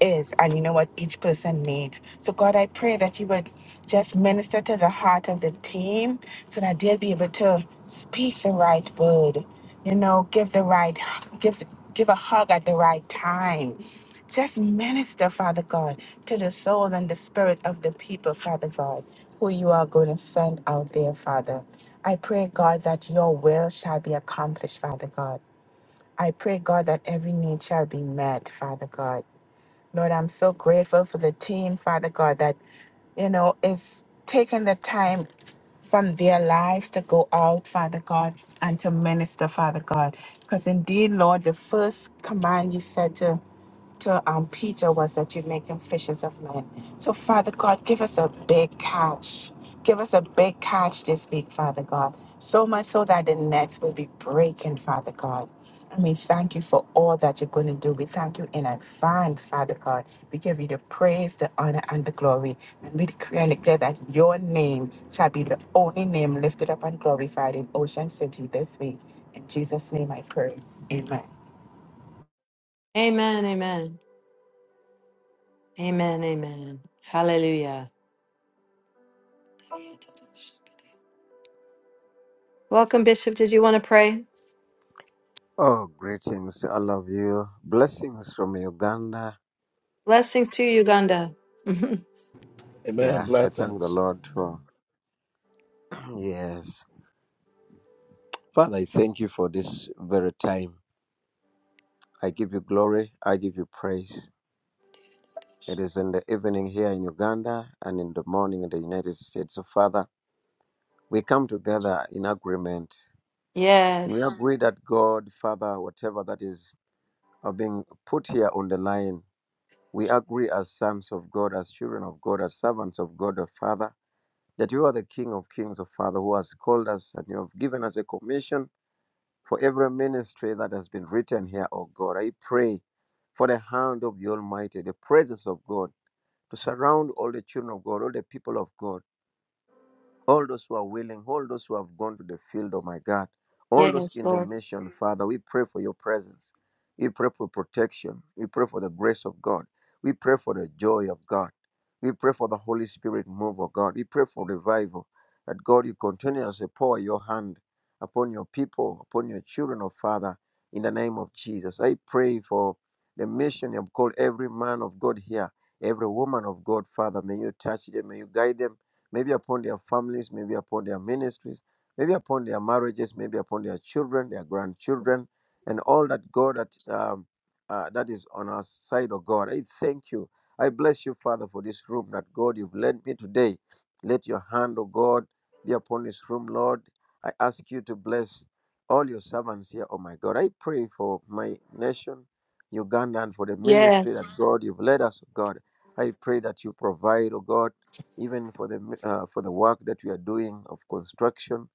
is and you know what each person needs. So, God, I pray that you would just minister to the heart of the team so that they'll be able to speak the right word, you know, give the right, give, give a hug at the right time. Just minister, Father God, to the souls and the spirit of the people, Father God, who you are going to send out there, Father. I pray, God, that your will shall be accomplished, Father God. I pray, God, that every need shall be met, Father God. Lord, I'm so grateful for the team, Father God, that, you know, is taking the time from their lives to go out, Father God, and to minister, Father God. Because indeed, Lord, the first command you said to to um, Peter was that you make him fishers of men. So, Father God, give us a big catch. Give us a big catch this week, Father God. So much so that the nets will be breaking, Father God. And we thank you for all that you're going to do. We thank you in advance, Father God. We give you the praise, the honor, and the glory. And we decree and declare that your name shall be the only name lifted up and glorified in Ocean City this week. In Jesus' name I pray. Amen. Amen. Amen. Amen. Amen. Hallelujah. Welcome, Bishop. Did you want to pray? Oh, greetings to all of you. Blessings from Uganda. Blessings to Uganda. Amen. Yeah, I thank the Blessings. Lord for, yes. Father, I thank you for this very time. I give you glory. I give you praise. It is in the evening here in Uganda and in the morning in the United States. So, Father, we come together in agreement and we yes. agree that God, Father, whatever that is are being put here on the line, we agree as sons of God, as children of God, as servants of God, the Father. that you are the King of Kings, O Father, who has called us and you have given us a commission for every ministry that has been written here, O God. I pray for the hand of the Almighty, the presence of God to surround all the children of God, all the people of God all those who are willing, all those who have gone to the field, oh my God, all those Yes, in the Lord. mission, Father, we pray for your presence. We pray for protection. We pray for the grace of God. We pray for the joy of God. We pray for the Holy Spirit move, oh God. We pray for revival. That God, you continuously pour your hand upon your people, upon your children, oh Father, in the name of Jesus. I pray for the mission you have called every man of God here, every woman of God, Father. May you touch them, may you guide them maybe upon their families, maybe upon their ministries, maybe upon their marriages, maybe upon their children, their grandchildren, and all that God that um, uh, that is on our side of God. I thank you. I bless you, Father, for this room that God you've led me today. Let your hand, O God, be upon this room, Lord. I ask you to bless all your servants here, oh my God. I pray for my nation, Uganda, and for the ministry that Yes. God you've led us, oh God. I pray that you provide, oh God even for the uh, for the work that we are doing of construction.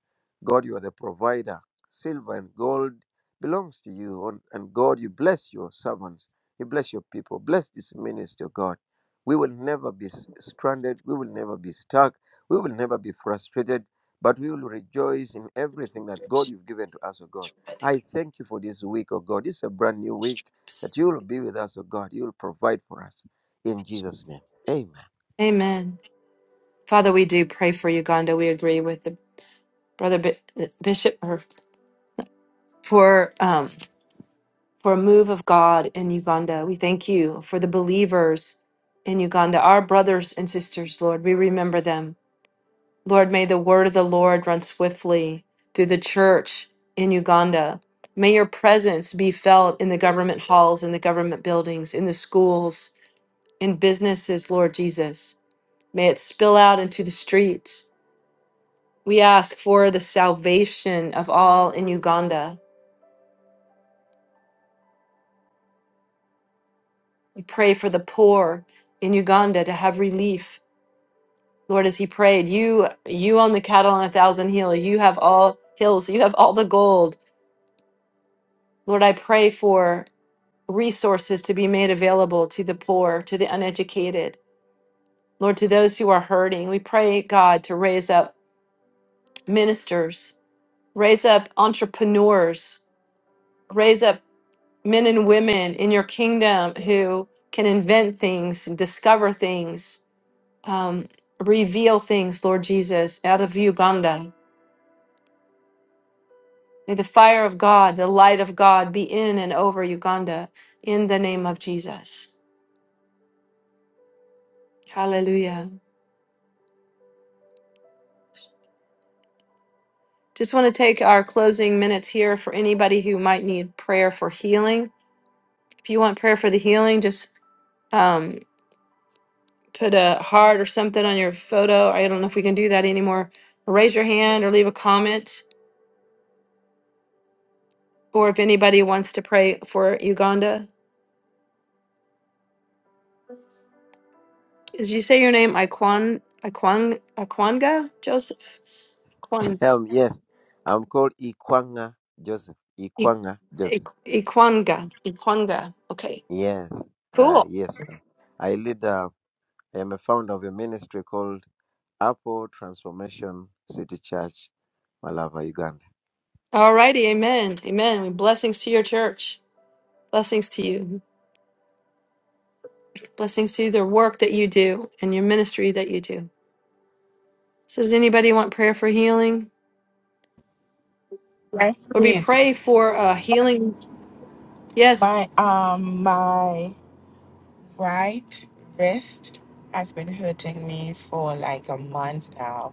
God, you are the provider. Silver and gold belongs to you, and and God, you bless your servants. You bless your people. Bless this ministry, God. We will never be s- stranded. We will never be stuck. We will never be frustrated. But we will rejoice in everything that God you've given to us, O God. I thank you for this week, O God. This is a brand new week Strips. that you will be with us, O God. You will provide for us. In Jesus' name. Amen. Amen. Father, we do pray for Uganda. We agree with the brother Bi- Bishop. for um, for a move of God in Uganda. We thank you for the believers in Uganda, our brothers and sisters, Lord. We remember them. Lord, may the word of the Lord run swiftly through the church in Uganda. May your presence be felt in the government halls, in the government buildings, in the schools, in businesses, Lord Jesus. May it spill out into the streets. We ask for the salvation of all in Uganda. pray for the poor in Uganda to have relief. Lord, as he prayed, you you own the cattle on a thousand hills. You have all hills. You have all the gold. Lord, I pray for resources to be made available to the poor, to the uneducated. Lord, to those who are hurting. We pray, God, to raise up ministers, raise up entrepreneurs, raise up men and women in your kingdom who can invent things and discover things um, reveal things, Lord Jesus, out of Uganda. May the fire of God, the light of God be in and over Uganda in the name of Jesus. Hallelujah. Just want to take our closing minutes here for anybody who might need prayer for healing. If you want prayer for the healing, just um, put a heart or something on your photo. I don't know if we can do that anymore. Raise your hand or leave a comment, or if anybody wants to pray for Uganda. Is you say your name Iquan Iquan Iquanga Joseph Iquan Um, yes, I'm called Ikwanga Joseph. I- Ikwanga I- Joseph. Iquanga Iquanga. Okay, Yes, uh, cool. yes. I lead. Uh, I am a founder of a ministry called Apple Transformation City Church, Malava, Uganda. Alrighty, Amen. Amen. Blessings to your church. Blessings to you. Blessings to the work that you do and your ministry that you do. So, does anybody want prayer for healing, Yes. or we Blessings. pray for uh, healing? Yes. My um my right wrist has been hurting me for like a month now.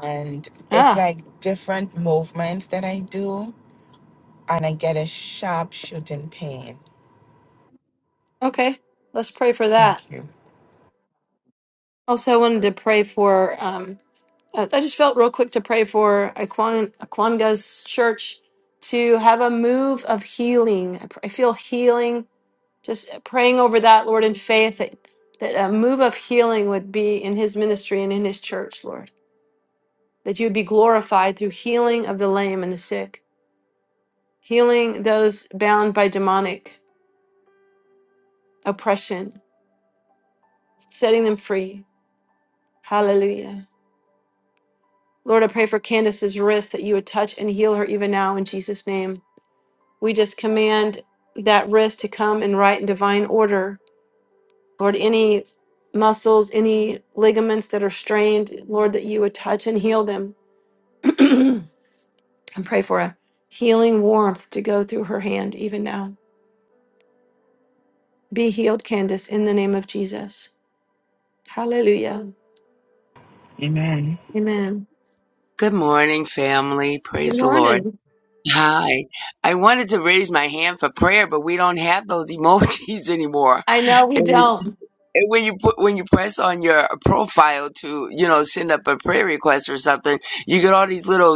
And it's Ah. like different movements that I do and I get a sharp shooting pain. Okay. Let's pray for that. Thank you. Also, I wanted to pray for. Um, Uh, I just felt real quick to pray for Aquan- Aquanga's church to have a move of healing. I, pr- I feel healing. Just praying over that, Lord, in faith that, that a move of healing would be in his ministry and in his church, Lord. That you would be glorified through healing of the lame and the sick, healing those bound by demonic oppression, setting them free. Hallelujah. Lord, I pray for Candace's wrist that you would touch and heal her even now in Jesus' name. We just command that wrist to come in right and divine order. Lord, any muscles, any ligaments that are strained, Lord, that you would touch and heal them. and pray for a healing warmth to go through her hand even now. Be healed, Candace, in the name of Jesus. Hallelujah. Amen. Amen. Good morning, family. Good Praise the Lord. morning. Hi. I wanted to raise my hand for prayer, but we don't have those emojis anymore. I know we And, don't. and when you put when you press on your profile to, you know, send up a prayer request or something, you get all these little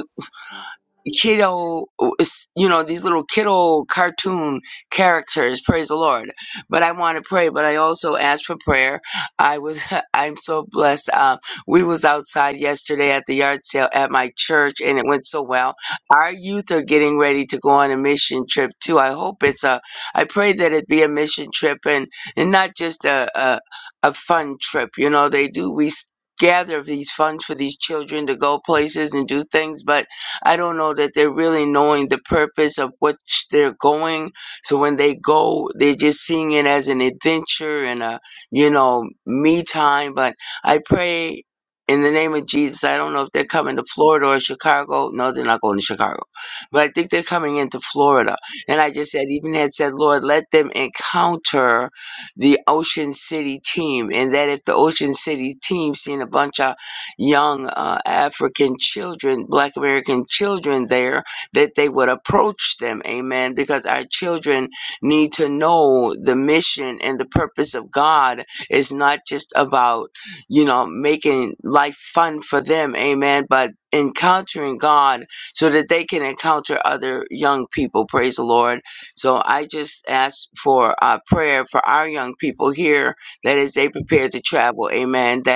kiddo is- you know these little kiddo cartoon characters praise the lord but i want to pray but i also asked for prayer i was i'm so blessed uh, we was outside yesterday at the yard sale at my church and it went so well our youth are getting ready to go on a mission trip too i hope it's a i pray that it be a mission trip and and not just a a, a fun trip you know they do we s- gather these funds for these children to go places and do things but I don't know that they're really knowing the purpose of what sh- they're going. So when they go, they're just seeing it as an adventure and a, you know, me time. But I pray in the name of Jesus. I don't know if they're coming to Florida or Chicago. No, they're not going to Chicago. But I think they're coming into Florida. And I just said, even had said, Lord, let them encounter the Ocean City team. And that if the Ocean City team seen a bunch of young uh, African children, Black American children there, that they would approach them, amen, because our children need to know the mission and the purpose of God is not just about, you know, making life fun for them, amen, but encountering God so that they can encounter other young people, praise the Lord. So I just ask for uh, prayer for our young people here that as they prepare to travel, amen, that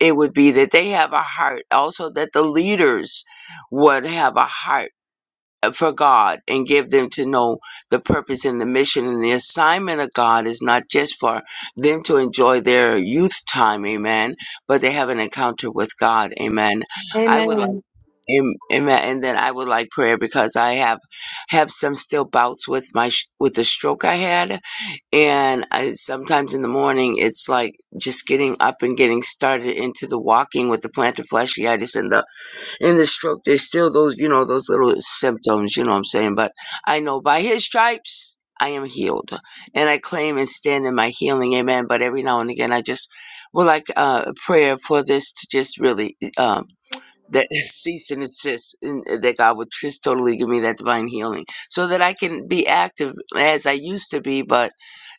it would be that they have a heart also that the leaders would have a heart uh, for god and give them to know the purpose and the mission and the assignment of god is not just for them to enjoy their youth time amen but they have an encounter with god amen i would like Amen. am- amen and then i would like prayer because i have have some still bouts with my sh- with the stroke i had and I, sometimes in the morning, it's like just getting up and getting started into the walking with the plantar fasciitis and the and the stroke. There's still those, you know, those little symptoms. You know what I'm saying? But I know by His stripes I am healed, and I claim and stand in my healing. Amen. But every now and again, I just would like uh, a prayer for this to just really um, that cease and desist, and uh, that God would just totally give me that divine healing, so that I can be active as I used to be, but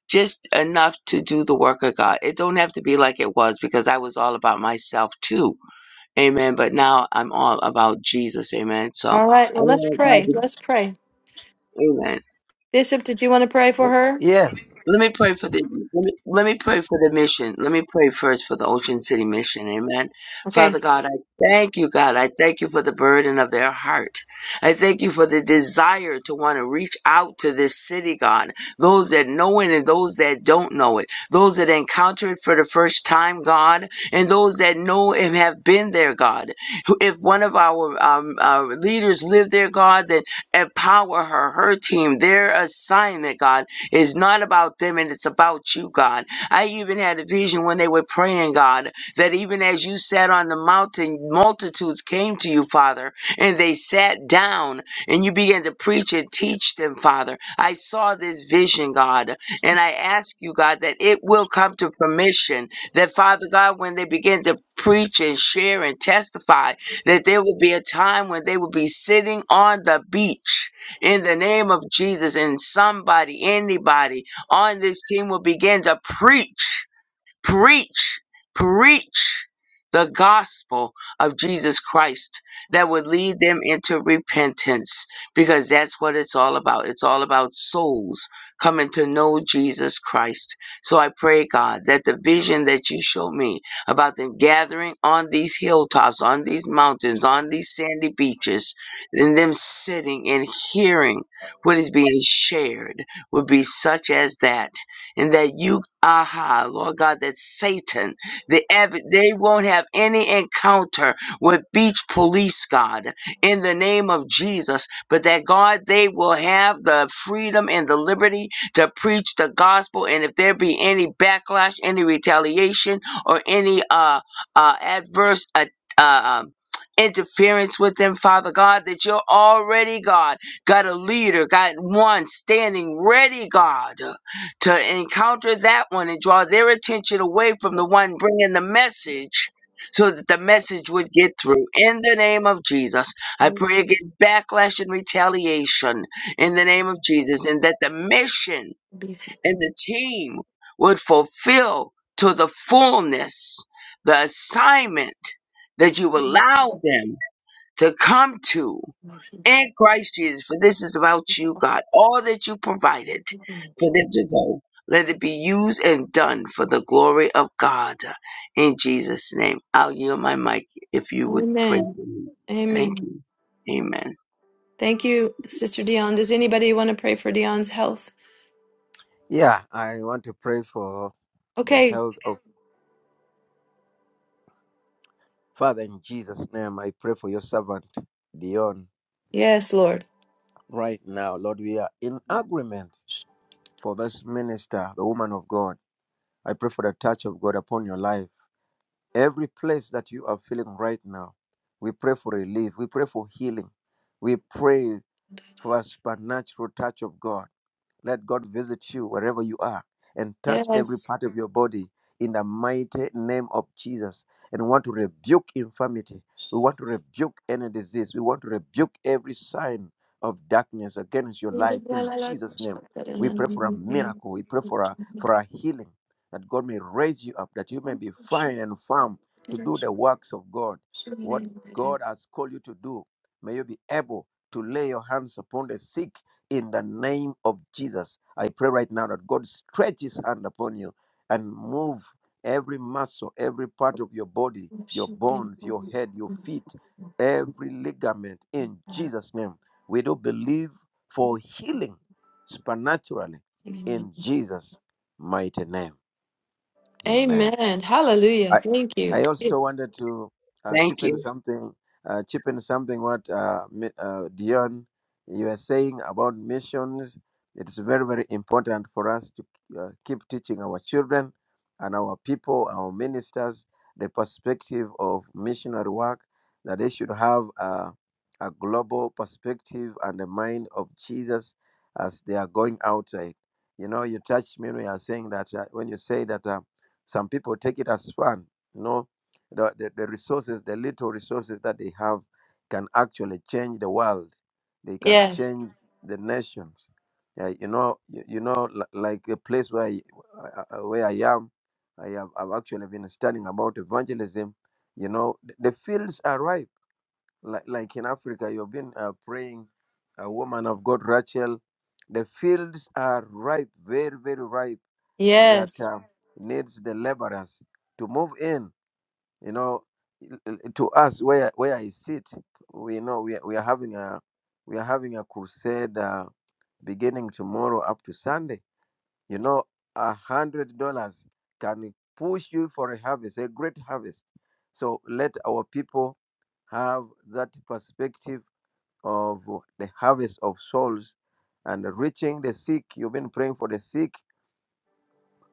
just enough to do the work of God. It don't have to be like it was because I was all about myself too. Amen. But now I'm all about Jesus. Amen. So All right. I Well, let's love pray. God. Let's pray. Amen. Bishop, did you want to pray for her? Yes, Let me pray for the let me, let me pray for the mission. Let me pray first for the Ocean City mission. Amen. Okay. Father God, I thank you, God. I thank you for the burden of their heart. I thank you for the desire to want to reach out to this city, God. Those that know it and those that don't know it. Those that encounter it for the first time, God, and those that know and have been there, God. Who- If one of our um, uh, leaders lived there, God, then empower her, her team, their assignment, God it's not about them and it's about you, God. I even had a vision when they were praying, God, that even as you sat on the mountain, multitudes came to you, Father, and they sat down and you began to preach and teach them, Father. I saw this vision, God, and I ask you, God, that it will come to permission. That, Father God, when they begin to preach and share and testify, that there will be a time when they will be sitting on the beach in the name of Jesus. And somebody, anybody on this team will begin to preach preach, preach the gospel of Jesus Christ that would lead them into repentance because that's what it's all about. It's all about souls coming to know Jesus Christ. So I pray, God, that the vision that you show me about them gathering on these hilltops, on these mountains, on these sandy beaches, and them sitting and hearing what is being shared would be such as that and that you, aha, Lord God, that Satan, the av- they won't have any encounter with beach police, God, in the name of Jesus, but that God, they will have the freedom and the liberty to preach the gospel, and if there be any backlash, any retaliation, or any uh, uh, adverse uh, uh, um, interference with them, Father God, that you're already, God, got a leader, got one standing ready, God to encounter that one and draw their attention away from the one bringing the message so that the message would get through. In the name of Jesus, I pray against backlash and retaliation in the name of Jesus and that the mission and the team would fulfill to the fullness the assignment that you allow them to come to and Christ Jesus, for this is about you, God. All that you provided for them to go, let it be used and done for the glory of God. In Jesus' name, I'll yield my mic if you would pray Amen. for me. Thank Amen. you. Amen. Thank you, Sister Dion. Does anybody want to pray for Dion's health? yeah. I want to pray for the Okay. health of Father in Jesus' name. I pray for your servant Dion Yes, Lord. right now, Lord. We are in agreement. for this minister, the woman of God. I pray for the touch of God upon your life. Every place that you are feeling right now, we pray for relief. We pray for healing. We pray for a supernatural touch of God. Let God visit you wherever you are and touch every Yes. part of your body in the mighty name of Jesus. And we want to rebuke infirmity. We want to rebuke any disease. We want to rebuke every sign of darkness against your life in Jesus' name. We pray for a miracle. We pray for a for a healing that God may raise you up, that you may be fine and firm to do the works of God. What God has called you to do, may you be able to lay your hands upon the sick in the name of Jesus. I pray right now that God stretch his hand upon you and move every muscle, every part of your body, your bones, your head, your feet, every ligament in Jesus' name. We do believe for healing supernaturally in Jesus' mighty name. Amen. Amen. Hallelujah. I Thank you. I also wanted to uh, Thank chip you. in something, uh, chip in something what uh, Mi- uh, Dion you are saying about missions. It is very very important for us to uh, keep teaching our children and our people, our ministers, the perspective of missionary work that they should have uh, a global perspective and the mind of Jesus as they are going outside. You know, you touched me when you are saying that uh, when you say that. Um, some people take it as fun. You know, the, the, the resources, the little resources that they have can actually change the world. They can Yes. change the nations. Yeah, you know, you, you know, li- like a place where I, uh, uh, where I am, I have I've actually been studying about evangelism. You know, th- the fields are ripe. Like, like in Africa, you've been uh, praying, a woman of God, Rachel. The fields are ripe, very, very ripe that Yes. um, needs the laborers to move in. You know, l- l- to us where where I sit, we know we are, we are having a we are having a crusade uh, beginning tomorrow up to Sunday. You know, a hundred dollars can push you for a harvest, a great harvest. So let our people have that perspective of the harvest of souls and reaching the sick. You've been praying for the sick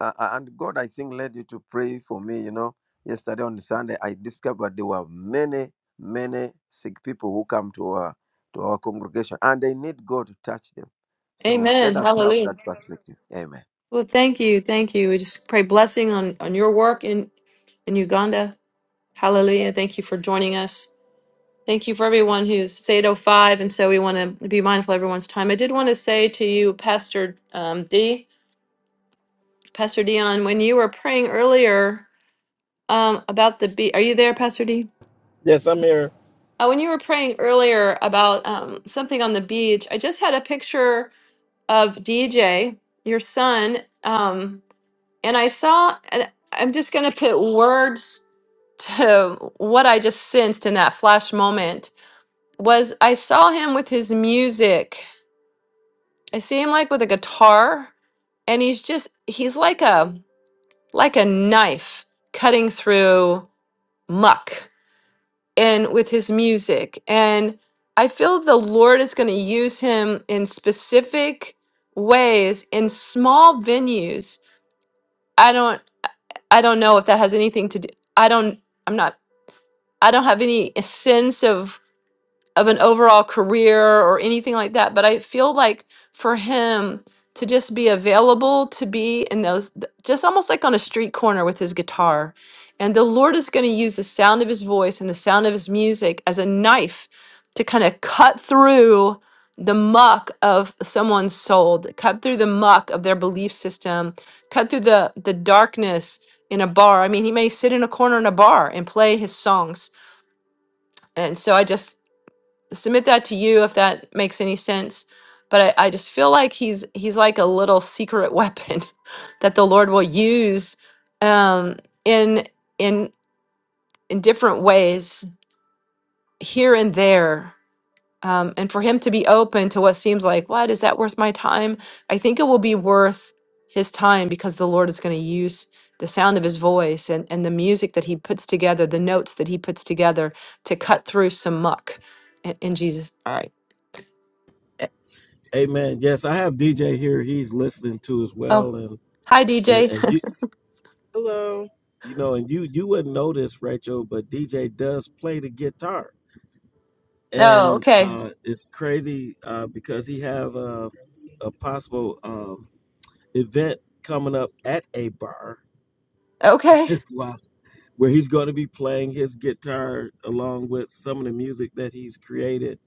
uh, uh, and God, I think, led you to pray for me. You know, yesterday on Sunday, I discovered there were many, many sick people who come to our to our congregation, and they need God to touch them. So let Amen. us have Hallelujah. that perspective. Amen. Well, thank you. Thank you. We just pray blessing on, on your work in in Uganda. Hallelujah. Thank you for joining us. Thank you for everyone who's it's 805, and so we want to be mindful of everyone's time. I did want to say to you, Pastor um, D, Pastor Dion, when you were praying earlier um, about the beach, are you there, Pastor D? Yes, I'm here. Uh, when you were praying earlier about um, something on the beach, I just had a picture of DJ, your son, um, and I saw, and I'm just going to put words to what I just sensed in that flash moment was I saw him with his music. I see him like with a guitar and he's just he's like a like a knife cutting through muck and with his music and I feel the Lord is going to use him in specific ways in small venues. I don't I don't know if that has anything to do I don't I'm not I don't have any sense of of an overall career or anything like that but i feel like for him to just be available to be in those th- just almost like on a street corner with his guitar and the lord is going to use the sound of his voice and the sound of his music as a knife to kind of cut through the muck of someone's soul th- cut through the muck of their belief system cut through the the darkness in a bar i mean he may sit in a corner in a bar and play his songs and so i just submit that to you if that makes any sense. But I, I just feel like he's he's like a little secret weapon that the Lord will use um, in in in different ways here and there. Um, and for him to be open to what seems like, what is that worth my time? I think it will be worth his time because the Lord is going to use the sound of his voice and, and the music that he puts together, the notes that he puts together to cut through some muck in, in Jesus. All right. Eh, Amen. Yes, I have DJ here. He's listening to as oh, well, and Hi, and DJ. and you hello, you know, and you you wouldn't know this, Rachel, but DJ does play the guitar. Oh, and okay. uh, it's crazy uh, because he have a, a possible um, event coming up at a bar Okay. wow, where he's going to be playing his guitar along with some of the music that he's created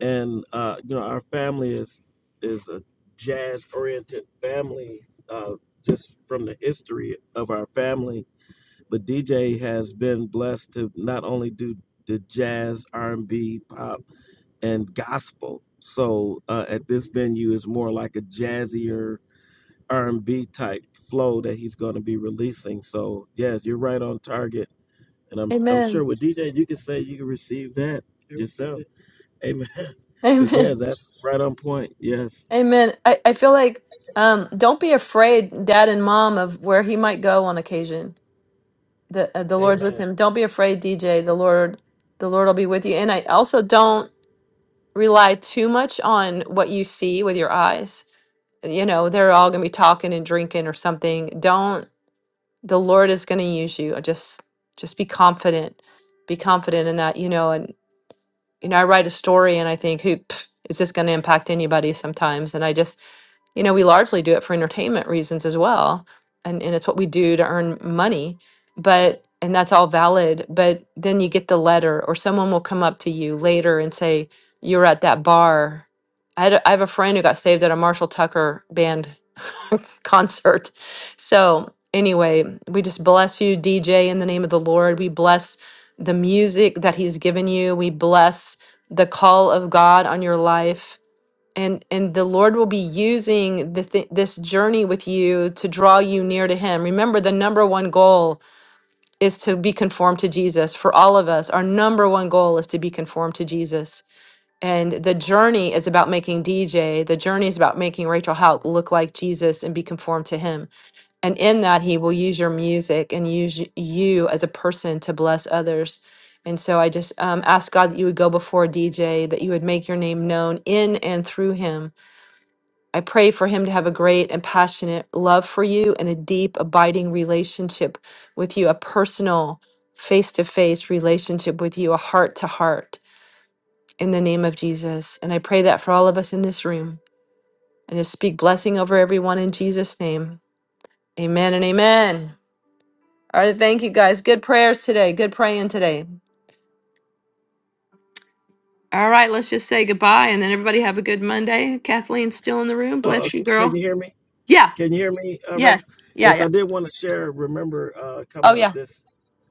and uh, you know our family is is a jazz oriented family uh, just from the history of our family but dj has been blessed to not only do the jazz r&b pop and gospel. So uh, at this venue is more like a jazzier R&B type flow that he's going to be releasing. So yes, you're right on target, and I'm I'm Amen. sure with DJ you can say you can receive that yourself. Amen. But yeah, Amen. that's right on point. Yes. Amen. I, I feel like um, don't be afraid, dad and mom, of where he might go on occasion. The uh, the Lord's with Amen. him. Don't be afraid, DJ. The Lord the Lord will be with you. And I also don't rely too much on what you see with your eyes. You know, they're all gonna be talking and drinking or something. Don't the Lord is gonna use you. Just just be confident. Be confident in that, you know, you know, I write a story and I think, who pff, is this going to impact anybody sometimes? And I just, you know, we largely do it for entertainment reasons as well. And, and it's what we do to earn money. But, and that's all valid. But then you get the letter, or someone will come up to you later and say, you were at that bar. I, had a, I have a friend who got saved at a Marshall Tucker band concert. So, anyway, we just bless you, DJ, in the name of the Lord. We bless the music that He's given you. We bless the call of God on your life. And, and the Lord will be using the thi- this journey with you to draw you near to Him. Remember, the number one goal is to be conformed to Jesus. For all of us, our number one goal is to be conformed to Jesus. And the journey is about making DJ, the journey is about making Rachel Houck look like Jesus and be conformed to Him. And in that, he will use your music and use y- you as a person to bless others. And so I just um, ask God that you would go before DJ, that you would make your name known in and through him. I pray for him to have a great and passionate love for you and a deep, abiding relationship with you, a personal, face to face relationship with you, a heart to heart in the name of Jesus. And I pray that for all of us in this room and just speak blessing over everyone in Jesus' name. Amen and amen. All right, thank you guys. Good prayers today. Good praying today. All right, let's just say goodbye and then everybody have a good Monday. Kathleen's still in the room. Uh, Bless you, can girl. you hear me? Yeah. Can you hear me, uh, Rachel? Yes. Yeah, Yes, yeah. I did want to share. Remember, uh, Oh coming up yeah. this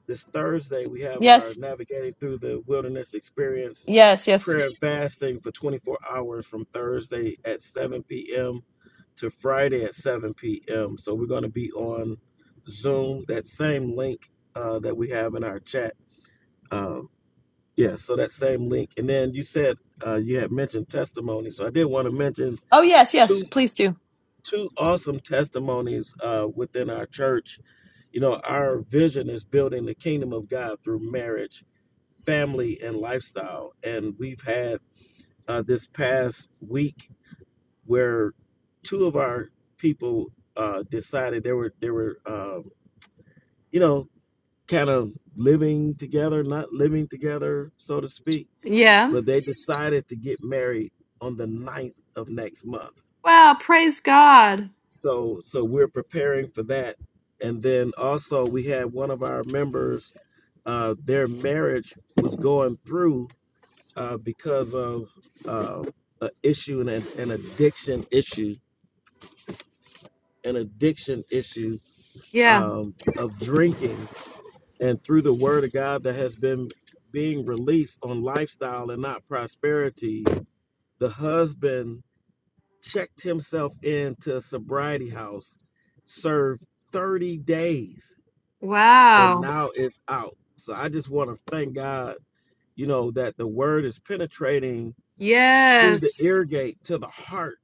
This Thursday, we have our Yes. Navigating Through the Wilderness Experience Yes, prayer yes. and fasting for 24 hours from Thursday at 7 p.m. to Friday at 7 p.m. So we're going to be on Zoom, that same link uh, that we have in our chat. Um, yeah, so that same link. And then you said uh, you had mentioned testimony. So I did want to mention Oh yes, yes. two Please do. two awesome testimonies uh, within our church. You know, our vision is building the kingdom of God through marriage family and lifestyle. And we've had uh, this past week where two of our people uh, decided they were they were um, you know kind of living together, not living together, so to speak, Yeah. but they decided to get married on the ninth of next month. Wow, praise God. So so we're preparing for that. And then also we had one of our members, uh, their marriage was going through uh, because of uh, an issue and an an addiction issue, an addiction issue Yeah. um, of drinking, and through the word of God that has been being released on lifestyle and not prosperity, the husband checked himself into a sobriety house, served 30 days, and Wow. now it's out. So I just want to thank God, you know, that the word is penetrating through the Yes. ear gate to the heart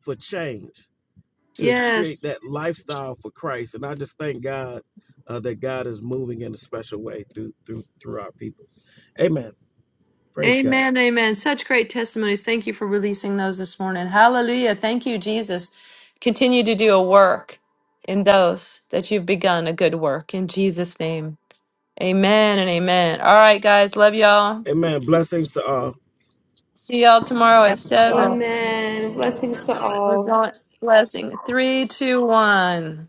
for change to create Yes. that lifestyle for Christ. And I just thank God uh, that God is moving in a special way through through through our people. Amen. Praise God. Amen, amen. Such great testimonies. Thank you for releasing those this morning. Hallelujah. Thank you, Jesus. Continue to do a work in those that you've begun a good work in Jesus' name. Amen and amen. All right, guys. Love y'all. Amen. Blessings to all. See y'all tomorrow at seven. Amen. Blessings to We're all. going blessing. Three, two, one.